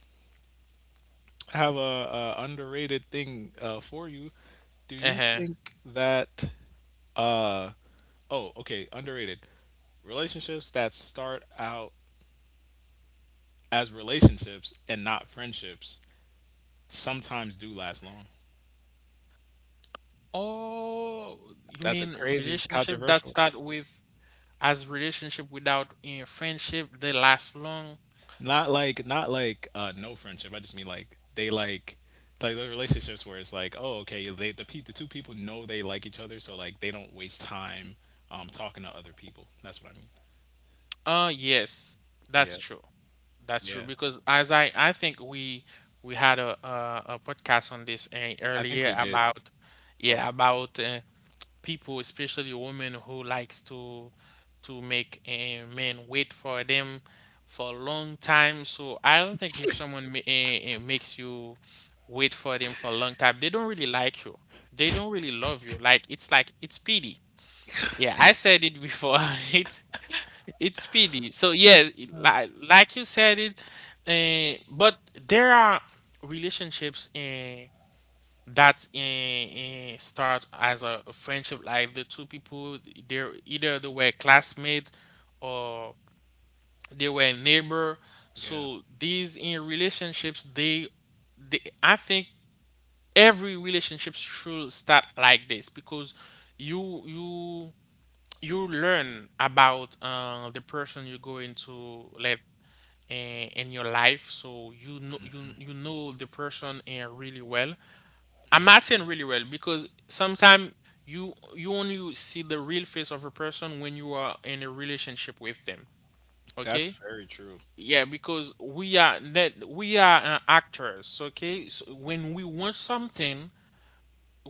[SPEAKER 1] I have a, underrated thing for you. Do you
[SPEAKER 2] Uh-huh.
[SPEAKER 1] think that uh oh, okay, underrated relationships that start out as relationships and not friendships sometimes do last long?
[SPEAKER 2] Oh, you
[SPEAKER 1] That's
[SPEAKER 2] mean
[SPEAKER 1] a crazy
[SPEAKER 2] relationship that
[SPEAKER 1] controversial.
[SPEAKER 2] start with as relationship without in friendship they last long?
[SPEAKER 1] Not like, not like no friendship. I just mean like they like the relationships where it's like, oh, okay, they the the two people know they like each other, so like they don't waste time talking to other people. That's what I mean.
[SPEAKER 2] Yes, that's
[SPEAKER 1] Yeah,
[SPEAKER 2] true. That's true
[SPEAKER 1] yeah.
[SPEAKER 2] because as I think we had a a podcast on this
[SPEAKER 1] I think
[SPEAKER 2] earlier
[SPEAKER 1] we did.
[SPEAKER 2] about yeah
[SPEAKER 1] Oh
[SPEAKER 2] about people, especially women who likes to make a man wait for them for a long time. So I don't think if someone makes you wait for them for a long time, they don't really like you. They don't really love you. Like it's pity. Yeah, I said it before. It's it's pity. So yeah, like you said it, but there are relationships that's in, start as a friendship like the two people they're either they were classmate or they were neighbor,
[SPEAKER 1] yeah,
[SPEAKER 2] so these in relationships they I think every relationship should start like this because you you learn about the person you go into, like in your life, so you know you know the person really well. I'm not saying really well because sometimes you only see the real face of a person when you are in a relationship with them.
[SPEAKER 1] that's
[SPEAKER 2] Okay?
[SPEAKER 1] very true.
[SPEAKER 2] Yeah, because we are actors. Okay, so when we want something,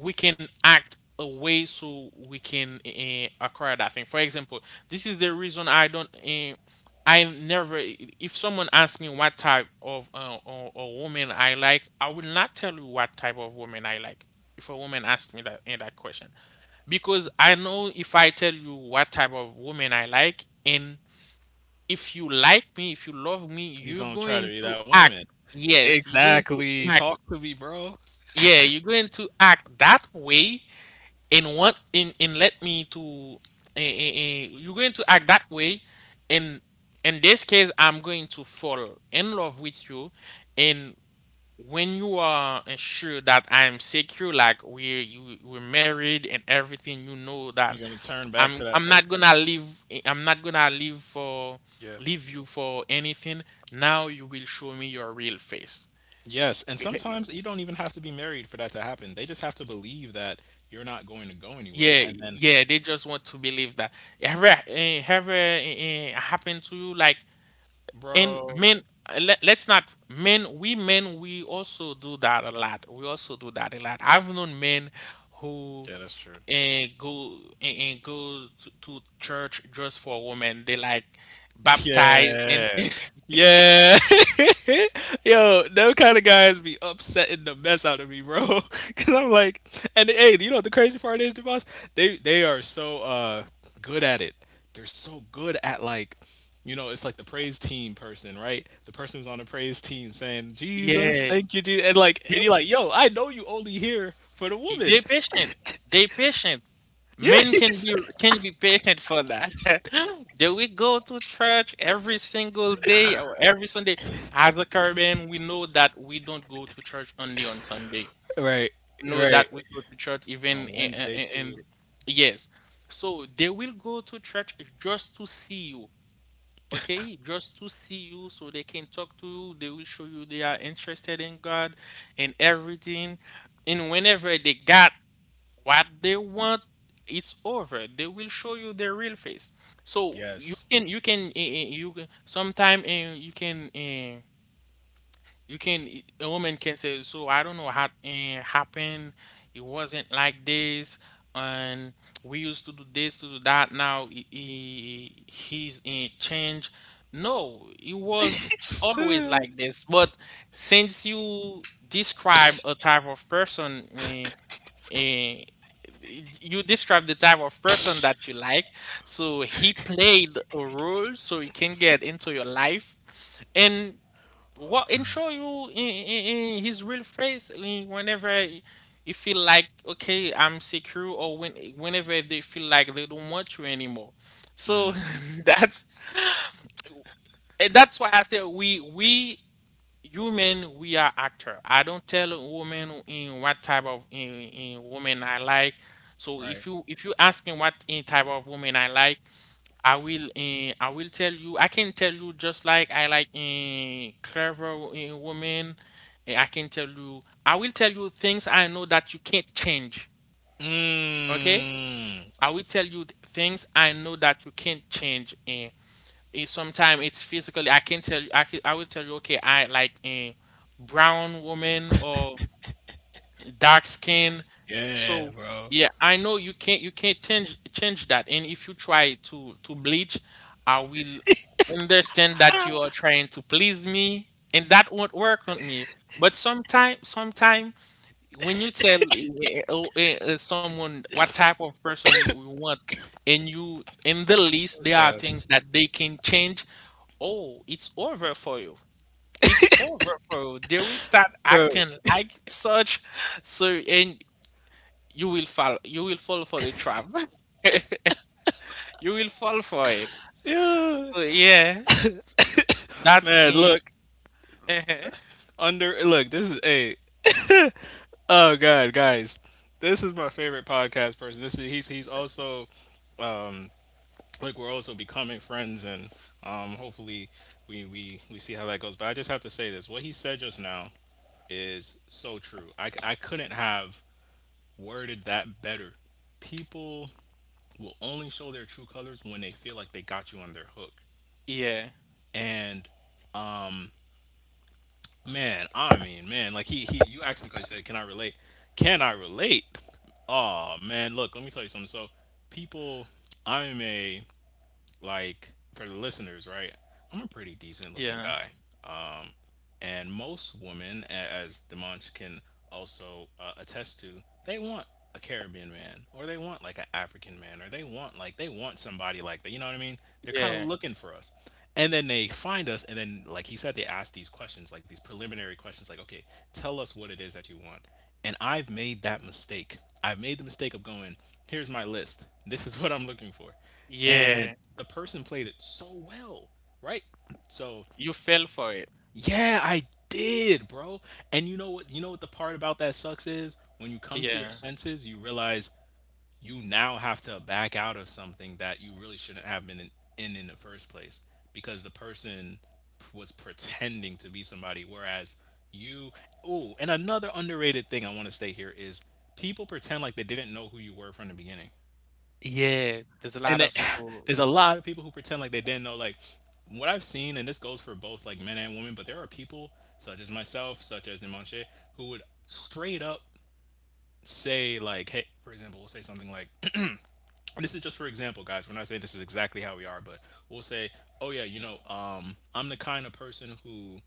[SPEAKER 2] we can act a way so we can acquire that thing. For example, this is the reason I don't. I never. If someone asks me what type of or woman I like, I will not tell you what type of woman I like. If a woman asks me that question, because I know if I tell you what type of woman I like, and if you like me, if you love me,
[SPEAKER 1] You
[SPEAKER 2] you're
[SPEAKER 1] gonna try to
[SPEAKER 2] going
[SPEAKER 1] be
[SPEAKER 2] to
[SPEAKER 1] that woman?
[SPEAKER 2] act.
[SPEAKER 1] E-
[SPEAKER 2] Yes, you're going to
[SPEAKER 1] Exactly.
[SPEAKER 2] act.
[SPEAKER 1] Talk to me, bro.
[SPEAKER 2] Yeah, you're going to act that way and want and let me to eh, eh, eh, you're going to act that way, and in this case I'm going to fall in love with you, and when you are sure that I'm secure, like we're you, we're married and everything, you know that
[SPEAKER 1] You're gonna turn back to
[SPEAKER 2] i'm
[SPEAKER 1] that
[SPEAKER 2] i'm not
[SPEAKER 1] person.
[SPEAKER 2] gonna leave I'm not gonna leave for
[SPEAKER 1] Yeah.
[SPEAKER 2] leave you for anything. Now you will show me your real face.
[SPEAKER 1] Yes, and sometimes you don't even have to be married for that to happen. They just have to believe that you're not going to go anywhere.
[SPEAKER 2] Yeah,
[SPEAKER 1] And then,
[SPEAKER 2] yeah, they just want to believe that. Have happened to you? Like, and
[SPEAKER 1] bro,
[SPEAKER 2] men, let's not, men, we also do that a lot. We also do that a lot. I've known men who
[SPEAKER 1] yeah, that's true.
[SPEAKER 2] go to church just for women. They like baptize and
[SPEAKER 1] Yeah. Yeah. Yo, them kind of guys be upsetting the mess out of me, bro. Cause I'm like, and hey, you know what the crazy part is, Dimash? They are so good at it. They're so good at like, you know, it's like the praise team person, right? The person who's on the praise team saying, Jesus,
[SPEAKER 2] yeah,
[SPEAKER 1] thank you, Jesus. And like, and you're like, yo, I know you only here for the
[SPEAKER 2] they
[SPEAKER 1] woman.
[SPEAKER 2] they patient. They patient. Men can
[SPEAKER 1] Yes.
[SPEAKER 2] be patient for that. Do we go to church every single day or every Sunday? As a Caribbean, we know that we don't go to church only on Sunday.
[SPEAKER 1] Right,
[SPEAKER 2] Know
[SPEAKER 1] right.
[SPEAKER 2] that we go to church even
[SPEAKER 1] On Wednesday
[SPEAKER 2] in,
[SPEAKER 1] too.
[SPEAKER 2] yes. So they will go to church just to see you, okay? Just to see you so they can talk to you. They will show you they are interested in God and everything. And whenever they got what they want, it's over. They will show you their real face. So you
[SPEAKER 1] Yes.
[SPEAKER 2] can you can you can sometime you can you can a woman can say, so I don't know how happened. It wasn't like this, and we used to do this to do that. Now he's in change. No, it was always like this, but since you describe a type of person eh, you describe the type of person that you like. So he played a role so he can get into your life and what and show you in his real face whenever you feel like okay I'm secure, or when whenever they feel like they don't want you anymore. So that's and that's why I said we human, we are actor. I don't tell a woman in what type of in woman I like. So
[SPEAKER 1] Right.
[SPEAKER 2] if you ask me what in type of woman I like, I will eh, I will tell you I can tell you, just like I like in clever in woman. Eh, I can tell you I will tell you things I know that you can't change. Okay,
[SPEAKER 1] Mmm.
[SPEAKER 2] I will tell you things I know that you can't change. It, sometimes it's physically. I can tell you. I will tell you. Okay, I like a brown woman or dark skin.
[SPEAKER 1] Yeah,
[SPEAKER 2] So
[SPEAKER 1] bro.
[SPEAKER 2] yeah, I know you can't change that. And if you try to bleach, I will understand that you are trying to please me, and that won't work on me. But sometimes, sometimes when you tell someone what type of person you want, and you in the least, there are
[SPEAKER 1] Because
[SPEAKER 2] things that they can change. Oh, it's over for you. It's over for you. They will start
[SPEAKER 1] bro.
[SPEAKER 2] acting like such. So, and you will fall. You will fall for the trap. You will fall for it.
[SPEAKER 1] Yeah.
[SPEAKER 2] So, yeah, that's
[SPEAKER 1] Man,
[SPEAKER 2] in.
[SPEAKER 1] look.
[SPEAKER 2] uh
[SPEAKER 1] Under look, this is a oh god, guys. This is my favorite podcast person. This is he's also um like we're also becoming friends, and hopefully we see how that goes. But I just have to say this. What he said just now is so true. I couldn't have worded that better. People will only show their true colors when they feel like they got you on their hook.
[SPEAKER 2] Yeah,
[SPEAKER 1] And man, I mean, man, like he you asked me because you said, can I relate? Can I relate? Oh man, look, let me tell you something. So people I'm a like for the listeners, right? I'm a pretty decent looking
[SPEAKER 2] yeah,
[SPEAKER 1] guy. And most women, as Demonch can also attest to, they want a Caribbean man, or they want like an African man, or they want like they want somebody like that. You know what I mean? They're kind of
[SPEAKER 2] yeah,
[SPEAKER 1] looking for us, and then they find us, and then like he said, they ask these questions, like these preliminary questions, like, okay, tell us what it is that you want. And I've made that mistake. I've made the mistake of going, here's my list. This is what I'm looking for. And
[SPEAKER 2] yeah.
[SPEAKER 1] the person played it so well, right? So
[SPEAKER 2] You fell for it.
[SPEAKER 1] yeah, I did, bro. And you know what? You know what the part about that sucks is? When you come to your
[SPEAKER 2] Yeah,
[SPEAKER 1] senses, you realize you now have to back out of something that you really shouldn't have been in in the first place, because the person was pretending to be somebody, whereas you oh, and another underrated thing I want to say here is people pretend like they didn't know who you were from the beginning,
[SPEAKER 2] yeah. There's a
[SPEAKER 1] and
[SPEAKER 2] lot
[SPEAKER 1] that
[SPEAKER 2] of people.
[SPEAKER 1] there's a lot of people who pretend like they didn't know like what I've seen, and this goes for both like men and women, but there are people such as myself, such as Dimanche, who would straight up say, like, hey, for example, we'll say something like and this is just for example, guys, we're not saying this is exactly how we are, but we'll say, oh yeah, you know, I'm the kind of person who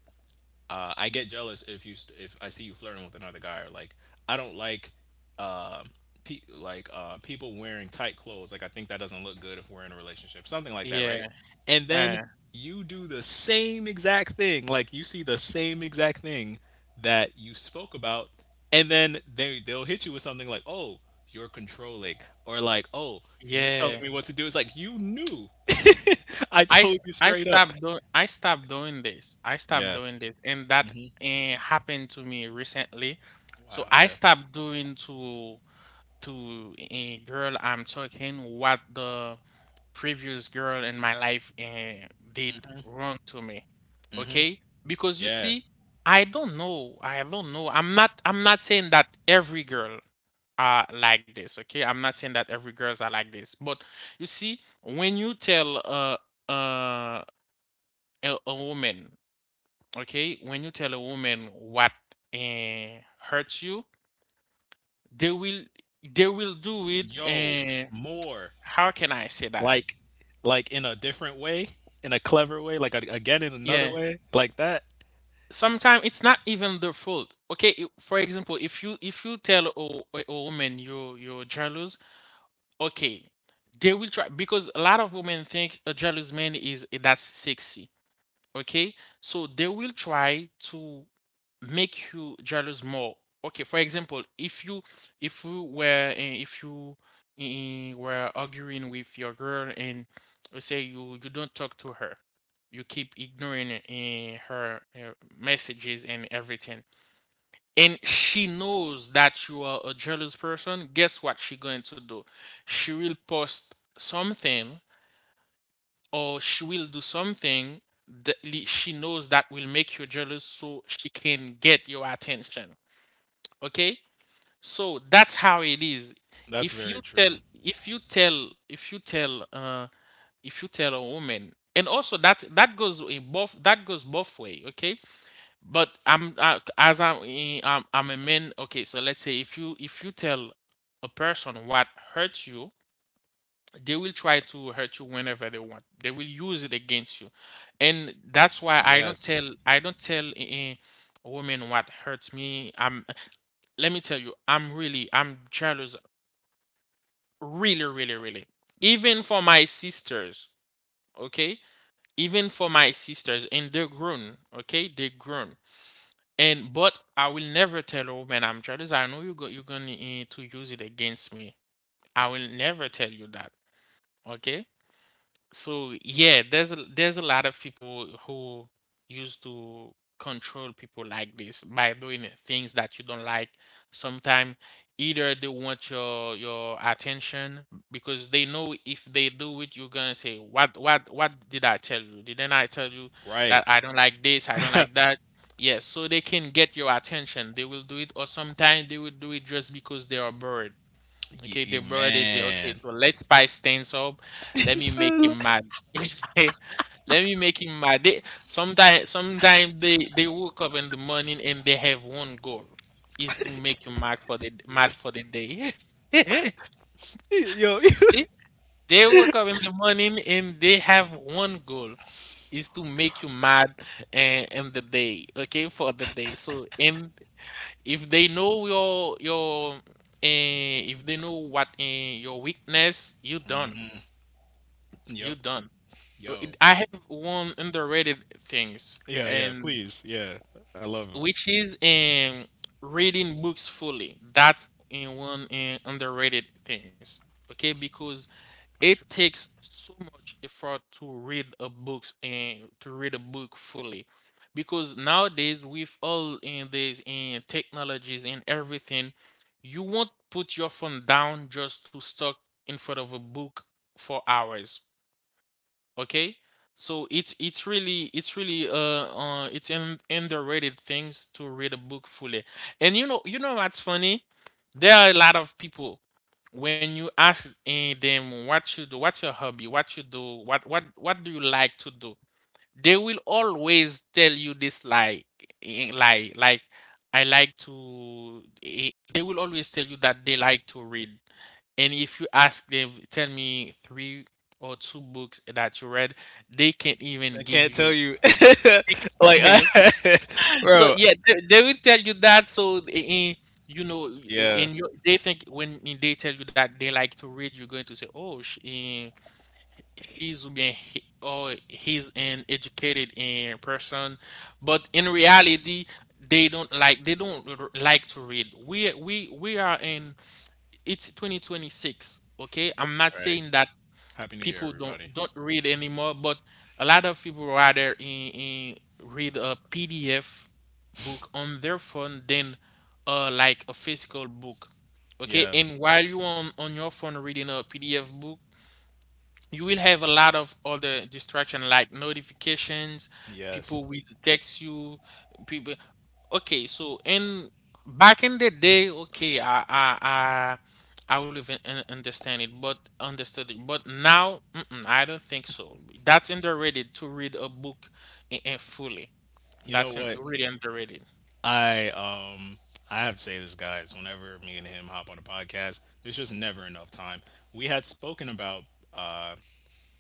[SPEAKER 1] I get jealous if you if I see you flirting with another guy, or like I don't like um like people wearing tight clothes. Like, I think that doesn't look good if we're in a relationship, something like that,
[SPEAKER 2] Yeah,
[SPEAKER 1] right? And then
[SPEAKER 2] uh,
[SPEAKER 1] you do the same exact thing. Like, you see the same exact thing that you spoke about, and then they they'll hit you with something like, "Oh, you're controlling," or like, "Oh, you're telling
[SPEAKER 2] yeah.
[SPEAKER 1] me what to do." It's like you knew. I told you straight up.
[SPEAKER 2] I stopped doing this. I stopped
[SPEAKER 1] Yeah.
[SPEAKER 2] doing this, and that happened to me recently. So
[SPEAKER 1] Wow.
[SPEAKER 2] I
[SPEAKER 1] Yeah.
[SPEAKER 2] stopped doing to a girl I'm talking what the previous girl in my life did wrong to me.
[SPEAKER 1] Hmm.
[SPEAKER 2] Okay? Because you
[SPEAKER 1] Yeah.
[SPEAKER 2] see, I don't know. I don't know. I'm not saying that every girl are like this, okay? I'm not saying that every girls are like this. But you see, when you tell uh a woman, okay, when you tell a woman what uh, hurts you, they will they will do it.
[SPEAKER 1] Yo,
[SPEAKER 2] And
[SPEAKER 1] more
[SPEAKER 2] how can I say that?
[SPEAKER 1] like like in a different way, in a clever way, like a, again in
[SPEAKER 2] Yeah,
[SPEAKER 1] another way, like that.
[SPEAKER 2] sometimes it's not even their fault. Okay, for example, if you tell a woman you you're jealous, okay, they will try, because a lot of women think a jealous man is that's sexy. Okay, so they will try to make you jealous more. Okay, for example, if you were eh, if you eh, were arguing with your girl, and let's say you you don't talk to her, you keep ignoring her messages and everything, and she knows that you are a jealous person. Guess what she going to do? She will post something or she will do something that she knows that will make you jealous, so she can get your attention. Okay, so that's how it is.
[SPEAKER 1] That's
[SPEAKER 2] If you
[SPEAKER 1] very
[SPEAKER 2] tell
[SPEAKER 1] true.
[SPEAKER 2] if you tell if you tell if you tell a woman, and also that's that goes in both, that goes both way. Okay, but I'm I'm a man, okay? So let's say if you tell a person what hurts you, they will try to hurt you whenever they want. They will use it against you, and that's why
[SPEAKER 1] Yes,
[SPEAKER 2] I don't tell a woman what hurts me. I'm let me tell you, I'm really I'm jealous, really, really, really. Even for my sisters, okay. Even for my sisters, and they're grown, okay, they're grown. And but I will never tell a woman I'm jealous. I know you go, you're gonna to use it against me. I will never tell you that, okay? So yeah, there's there's a lot of people who used to control people like this by doing things that you don't like. Sometimes either they want your attention, because they know if they do it, you're gonna say, what did I tell you? Didn't I tell you
[SPEAKER 1] right.
[SPEAKER 2] that I don't like this? I don't like that?" Yes, so they can get your attention. They will do it, or sometimes they will do it just because they are bored.
[SPEAKER 1] Ye-
[SPEAKER 2] Okay, they
[SPEAKER 1] ye-
[SPEAKER 2] brought it okay,
[SPEAKER 1] man.
[SPEAKER 2] so let Spice stands up. Let me make
[SPEAKER 1] So,
[SPEAKER 2] him mad. Let me make him mad. They, sometimes, sometimes they woke up in the morning and they have one goal is to make you mad for the day.
[SPEAKER 1] yo,
[SPEAKER 2] They wake up in the morning and they have one goal is to make you mad and in the day. Okay, for the day. So and if they know your if they know what your weakness you
[SPEAKER 1] yep,
[SPEAKER 2] done Uh,
[SPEAKER 1] yo,
[SPEAKER 2] it- i have one underrated things
[SPEAKER 1] yeah, yeah.
[SPEAKER 2] and
[SPEAKER 1] Please, yeah. I love it.
[SPEAKER 2] which is reading books fully. That's in one underrated things, okay, because
[SPEAKER 1] That's
[SPEAKER 2] it
[SPEAKER 1] true.
[SPEAKER 2] takes so much effort to read a books and to read a book fully because nowadays with all in these in technologies and everything, you won't put your phone down just to stuck in front of a book for hours. Okay, so it's really it's an underrated things to read a book fully. And you know what's funny, there are a lot of people, when you ask them what you do, what's your hobby, what you do, what do you like to do, they will always tell you this like, like I like to they will always tell you that they like to read. And if you ask them, tell me three or two books that you read, they can't even
[SPEAKER 1] I
[SPEAKER 2] give
[SPEAKER 1] can't tell
[SPEAKER 2] you.
[SPEAKER 1] you.
[SPEAKER 2] They
[SPEAKER 1] Like,
[SPEAKER 2] can't tell you.
[SPEAKER 1] I,
[SPEAKER 2] So
[SPEAKER 1] bro.
[SPEAKER 2] yeah, they will tell you that. So you know, eh,
[SPEAKER 1] Yeah.
[SPEAKER 2] in your they think when they tell you that they like to read, you're going to say, "Oh, he's been oh he's an educated in person." But in reality, they don't like to read. We are in — it's 2026, okay? I'm not
[SPEAKER 1] All right.
[SPEAKER 2] saying that
[SPEAKER 1] Happy New
[SPEAKER 2] people
[SPEAKER 1] Year,
[SPEAKER 2] don't
[SPEAKER 1] everybody.
[SPEAKER 2] don't read anymore, but a lot of people rather in read a pdf book on their phone than like a physical book. Okay,
[SPEAKER 1] Yeah.
[SPEAKER 2] and while you on your phone reading a pdf book, you will have a lot of other distraction like notifications, people
[SPEAKER 1] Yes.
[SPEAKER 2] will text you, people. Okay, so in back in the day, okay, I will even un- understand it but understood it. But now mm-mm, I don't think so. That's underrated to read a book in fully.
[SPEAKER 1] You
[SPEAKER 2] That's
[SPEAKER 1] know
[SPEAKER 2] un-
[SPEAKER 1] what?
[SPEAKER 2] really underrated.
[SPEAKER 1] I um I have to say this, guys. Whenever me and him hop on a podcast, there's just never enough time. We had spoken about uh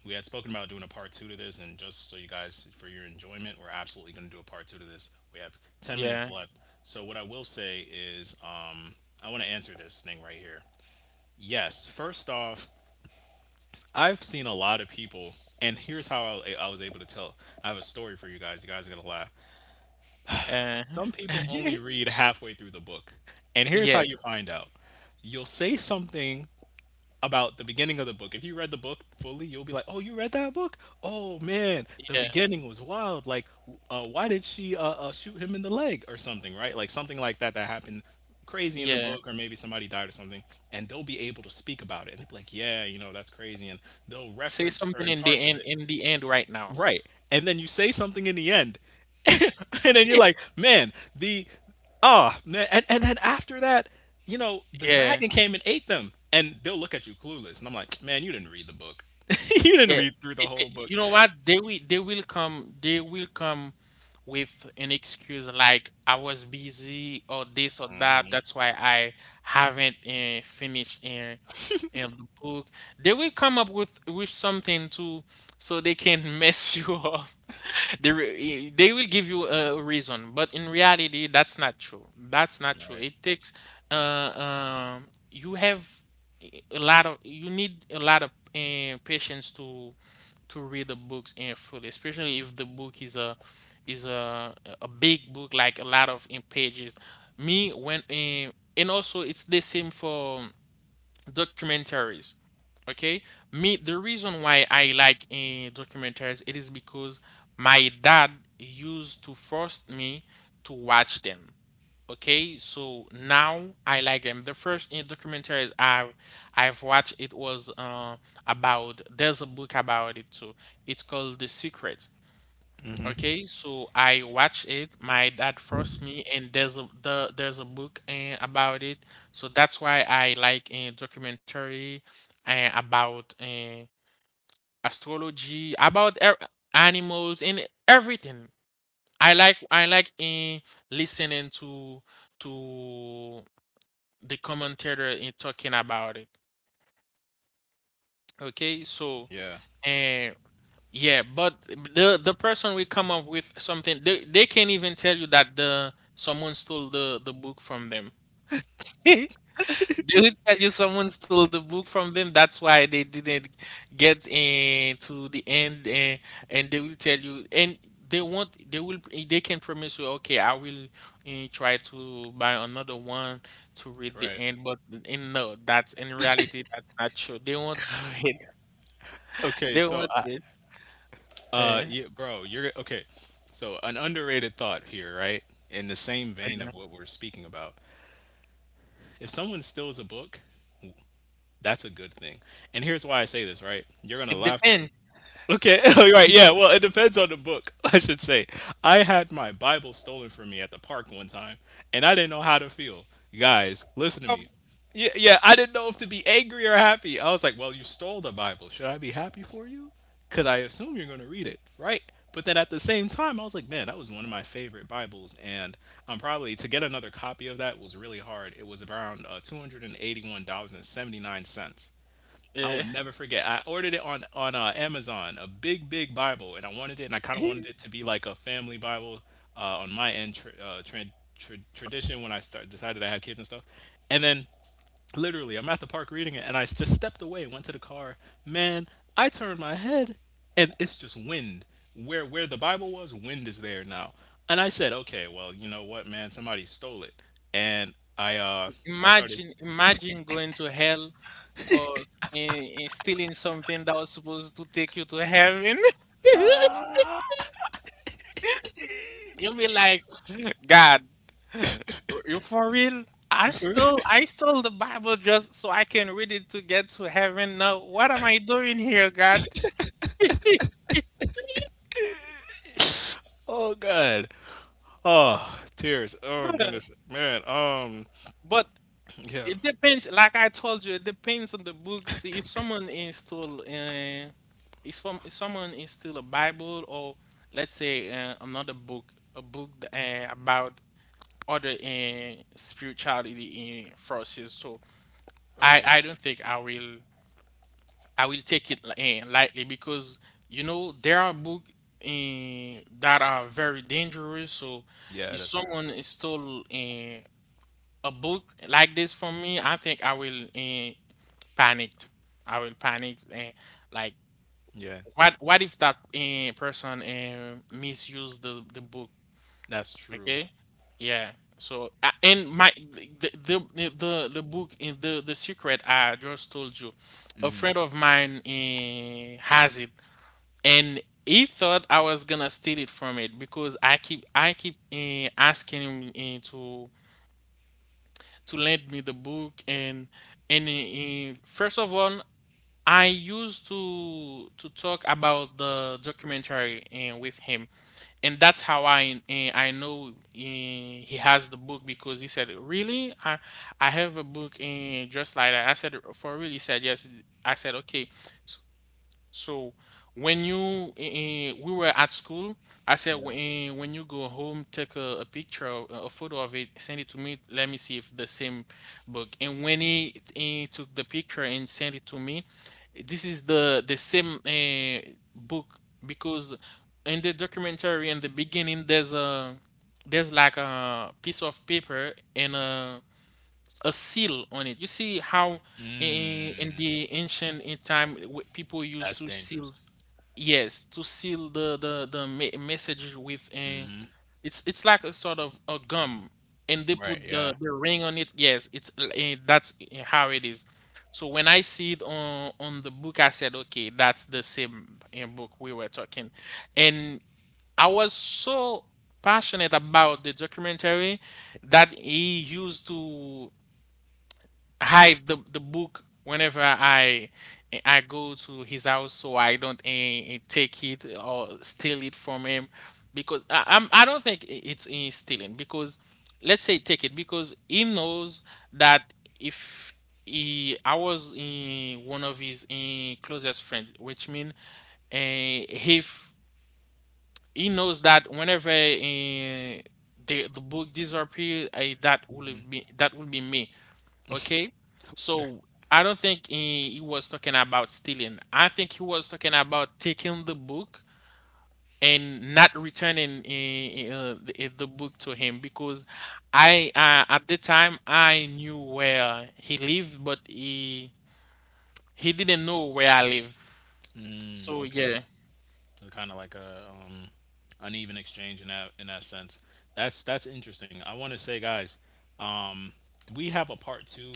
[SPEAKER 1] we had spoken about doing a part two to this, and just so you guys for your enjoyment, we're absolutely going to do a part two to this. We have ten
[SPEAKER 2] Yeah.
[SPEAKER 1] minutes left. So what I will say is, I want to answer this thing right here. Yes, first off, I've seen a lot of people, and here's how I was able to tell. I have a story for you guys. You guys are gonna laugh.
[SPEAKER 2] uh
[SPEAKER 1] Some people only read halfway through the book. And here's how
[SPEAKER 2] yeah
[SPEAKER 1] you find out. You'll say something about the beginning of the book. If you read the book fully, you'll be like, "Oh, you read that book? Oh man, the
[SPEAKER 2] yeah
[SPEAKER 1] beginning was wild. Like, why did she shoot him in the leg or something, right? Like something like that that happened crazy in a
[SPEAKER 2] yeah
[SPEAKER 1] book, or maybe somebody died or something." And they'll be able to speak about it, and they'll be like, "Yeah, you know, that's crazy," and they'll
[SPEAKER 2] Say
[SPEAKER 1] reference
[SPEAKER 2] something
[SPEAKER 1] certain
[SPEAKER 2] in
[SPEAKER 1] parts
[SPEAKER 2] the
[SPEAKER 1] of
[SPEAKER 2] end,
[SPEAKER 1] it.
[SPEAKER 2] in the end right now.
[SPEAKER 1] Right. And then you say something in the end. And then you're like, man, the ah man and then after that, you know, the
[SPEAKER 2] Yeah.
[SPEAKER 1] dragon came and ate them. And they'll look at you clueless. And I'm like, man, you didn't read the book. You didn't
[SPEAKER 2] Yeah,
[SPEAKER 1] read through the
[SPEAKER 2] it,
[SPEAKER 1] whole
[SPEAKER 2] you
[SPEAKER 1] book.
[SPEAKER 2] know what? They will come with an excuse like, "I was busy," or this or that. "That's why I haven't finished the book." They will come up with something too, so they can mess you up. They re- eh, they will give you a reason, but in reality, that's not true. That's not true.
[SPEAKER 1] Right.
[SPEAKER 2] It takes you have a lot of — you need a lot of patience to read the books in fully, especially if the book is is a a big book, like a lot of in pages. Me when and also it's the same for documentaries. Okay, me the reason why I like documentaries it is because my dad used to force me to watch them. Okay, so now I like them. The first in documentaries I I've watched it was about — there's a book about it too. It's called The Secret. Okay, so I watched it. My dad forced me, and there's there's a book about it. So that's why I like a documentary about astrology, about animals and everything. I like listening to the commentator in talking about it. Okay, so
[SPEAKER 1] Yeah.
[SPEAKER 2] and yeah, but the person will come up with something. They can't even tell you that the someone stole the book from them. Dude, tell you someone stole the book from them. That's why they didn't get to the end, and they will tell you, and they want, they will, they can promise you, okay, I will try to buy another one to read the
[SPEAKER 1] Right.
[SPEAKER 2] end. But in no, that's in reality, that's not true. They won't do it.
[SPEAKER 1] Okay,
[SPEAKER 2] They
[SPEAKER 1] so
[SPEAKER 2] won't
[SPEAKER 1] I
[SPEAKER 2] do it. Eh,
[SPEAKER 1] yeah, bro, you're okay. So an underrated thought here, right? In the same vein of
[SPEAKER 2] yeah.
[SPEAKER 1] what we're speaking about. If someone steals a book, that's a good thing. And here's why I say this, right? You're gonna
[SPEAKER 2] It
[SPEAKER 1] laugh there
[SPEAKER 2] depends.
[SPEAKER 1] okay, all right, yeah. Well, it depends on the book, I should say. I had my Bible stolen from me at the park one time, and I didn't know how to feel. Guys, listen to me.
[SPEAKER 2] Um,
[SPEAKER 1] Yeah, yeah, I didn't know if to be angry or happy. I was like, "Well, you stole the Bible. Should I be happy for you? Because I assume you're going to read it, right?" But then at the same time, I was like, "Man, that was one of my favorite Bibles, and I'm probably to get another copy of that was really hard. It was around $281 and 79 cents. I will
[SPEAKER 2] eh.
[SPEAKER 1] never forget. I ordered it on Amazon, a big big Bible, and I wanted it, and I kind of wanted it to be like a family Bible on my end tr tran tr tradition when I start decided I had kids and stuff. And then literally, I'm at the park reading it, and I just stepped away, went to the car. Man, I turned my head, and it's just wind. Where the Bible was, wind is there now. And I said, okay, well, you know what, man, somebody stole it, and I started.
[SPEAKER 2] Imagine, imagine going to hell for stealing something that was supposed to take you to heaven. You'll be like, God, you for real? I stole I stole the Bible just so I can read it to get to heaven. Now, what am I doing here, God?
[SPEAKER 1] Oh God. Oh, tears. Oh goodness, man.
[SPEAKER 2] But
[SPEAKER 1] Yeah.
[SPEAKER 2] it depends, like I told you, it depends on the book. See, if someone is still, if someone is still a Bible, or let's say another book, a book about other spirituality forces. So
[SPEAKER 1] Oh yeah.
[SPEAKER 2] I don't think I will — I will take it lightly, because you know there are books that are very dangerous. So
[SPEAKER 1] Yeah,
[SPEAKER 2] if
[SPEAKER 1] that's true.
[SPEAKER 2] someone is still a book like this from me, I think I will. Panicked. I will panic. And like,
[SPEAKER 1] Yeah,
[SPEAKER 2] what if that person misused the book?
[SPEAKER 1] that's true.
[SPEAKER 2] Okay. Yeah. So and my the book in the secret I just told you, a friend of mine has it, and he thought I was gonna steal it from it because I keep asking him to lend me the book. And first of all, I used to talk about the documentary and with him, and that's how I I know he has the book, because he said, "Really? I have a book and just like that." I said, "For real?" He said, "Yes." I said, "Okay." So when you we were at school, I said
[SPEAKER 1] Yeah.
[SPEAKER 2] when you go home, take a picture, of- a photo of it, send it to me. Let me see if the same book. And when he took the picture and sent it to me, this is the same book because in the documentary in the beginning there's a there's like a piece of paper and a seal on it. You see how in
[SPEAKER 1] Mm,
[SPEAKER 2] the ancient in time, w- people used
[SPEAKER 1] that's
[SPEAKER 2] to seal —
[SPEAKER 1] dangerous.
[SPEAKER 2] yes, to seal the me- message with a — it's like a sort of a gum, and they
[SPEAKER 1] Right.
[SPEAKER 2] put
[SPEAKER 1] Yeah.
[SPEAKER 2] the ring on it. Yes, it's l- eh, that's eh, how it is. So when I see it on the book, I said, okay, that's the same book we were talking, and I was so passionate about the documentary that he used to hide the book whenever I go to his house, so I don't take it or steal it from him. Because I, I'm I don't think I- it's eh, stealing, because let's say take it, because he knows that if he I was in one of his closest friend, which mean if he knows that whenever the book disappears, I that will be me. Okay, so I don't think he was talking about stealing. I think he was talking about taking the book and not returning the book to him, because I at the time I knew where he lived, but he didn't know where I live.
[SPEAKER 1] Mm,
[SPEAKER 2] So
[SPEAKER 1] okay.
[SPEAKER 2] yeah,
[SPEAKER 1] So, kind of like a uneven exchange in that sense. That's interesting. I want to say, guys, um, we have a part two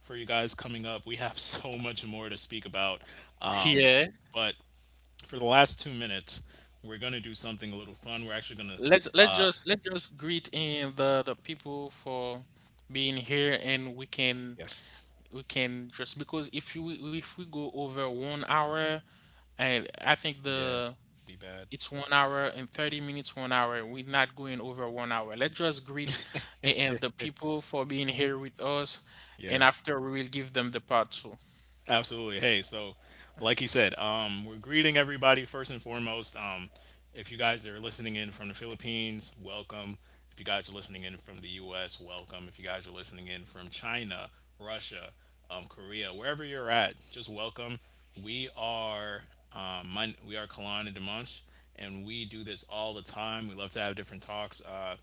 [SPEAKER 1] for you guys coming up. We have so much more to speak about. Um,
[SPEAKER 2] yeah.
[SPEAKER 1] but for the last 2 minutes, we're going to do something a little fun. We're actually going to
[SPEAKER 2] Let's just greet in the people for being here, and
[SPEAKER 1] Yes.
[SPEAKER 2] we can just because if you if we go over 1 hour. And I think
[SPEAKER 1] Yeah.
[SPEAKER 2] the
[SPEAKER 1] Be bad.
[SPEAKER 2] it's 1 hour and 30 minutes, 1 hour. We're not going over 1 hour. Let's just greet a- and the people for being here with us.
[SPEAKER 1] Yeah.
[SPEAKER 2] And after we will give them the part two.
[SPEAKER 1] Absolutely. Hey, so like he said, we're greeting everybody first and foremost. If you guys are listening in from the Philippines, welcome. If you guys are listening in from the U.S., welcome. If you guys are listening in from China, Russia, Korea, wherever you're at, just welcome. We are my, we are Kalan and Dimash, and we do this all the time. We love to have different talks.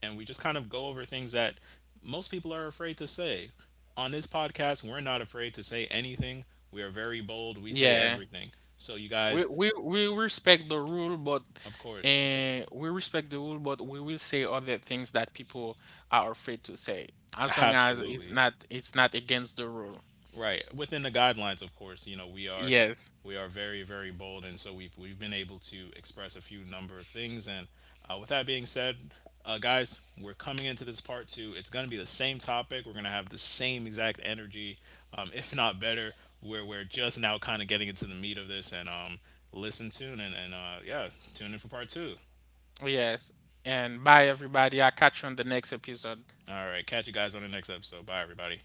[SPEAKER 1] And we just kind of go over things that most people are afraid to say. On this podcast, we're not afraid to say anything. We are very bold. We say
[SPEAKER 2] Yeah.
[SPEAKER 1] everything. So, you
[SPEAKER 2] We
[SPEAKER 1] guys,
[SPEAKER 2] we we respect the rule, but —
[SPEAKER 1] of course,
[SPEAKER 2] and we respect the rule, but we will say other things that people are afraid to say. As long as it's
[SPEAKER 1] absolutely.
[SPEAKER 2] not it's not against the rule.
[SPEAKER 1] Right. Within the guidelines, of course, you know,
[SPEAKER 2] Yes.
[SPEAKER 1] we are very, very bold, and so we've been able to express a few number of things, and with that being said, guys, we're coming into this part two. It's going to be the same topic. We're going to have the same exact energy, if not better. Where we're just now kind of getting into the meat of this, and listen, tune, and, yeah, tune in for part two.
[SPEAKER 2] Yes. And bye everybody. I'll catch you on the next episode.
[SPEAKER 1] All right, catch you guys on the next episode. Bye, everybody.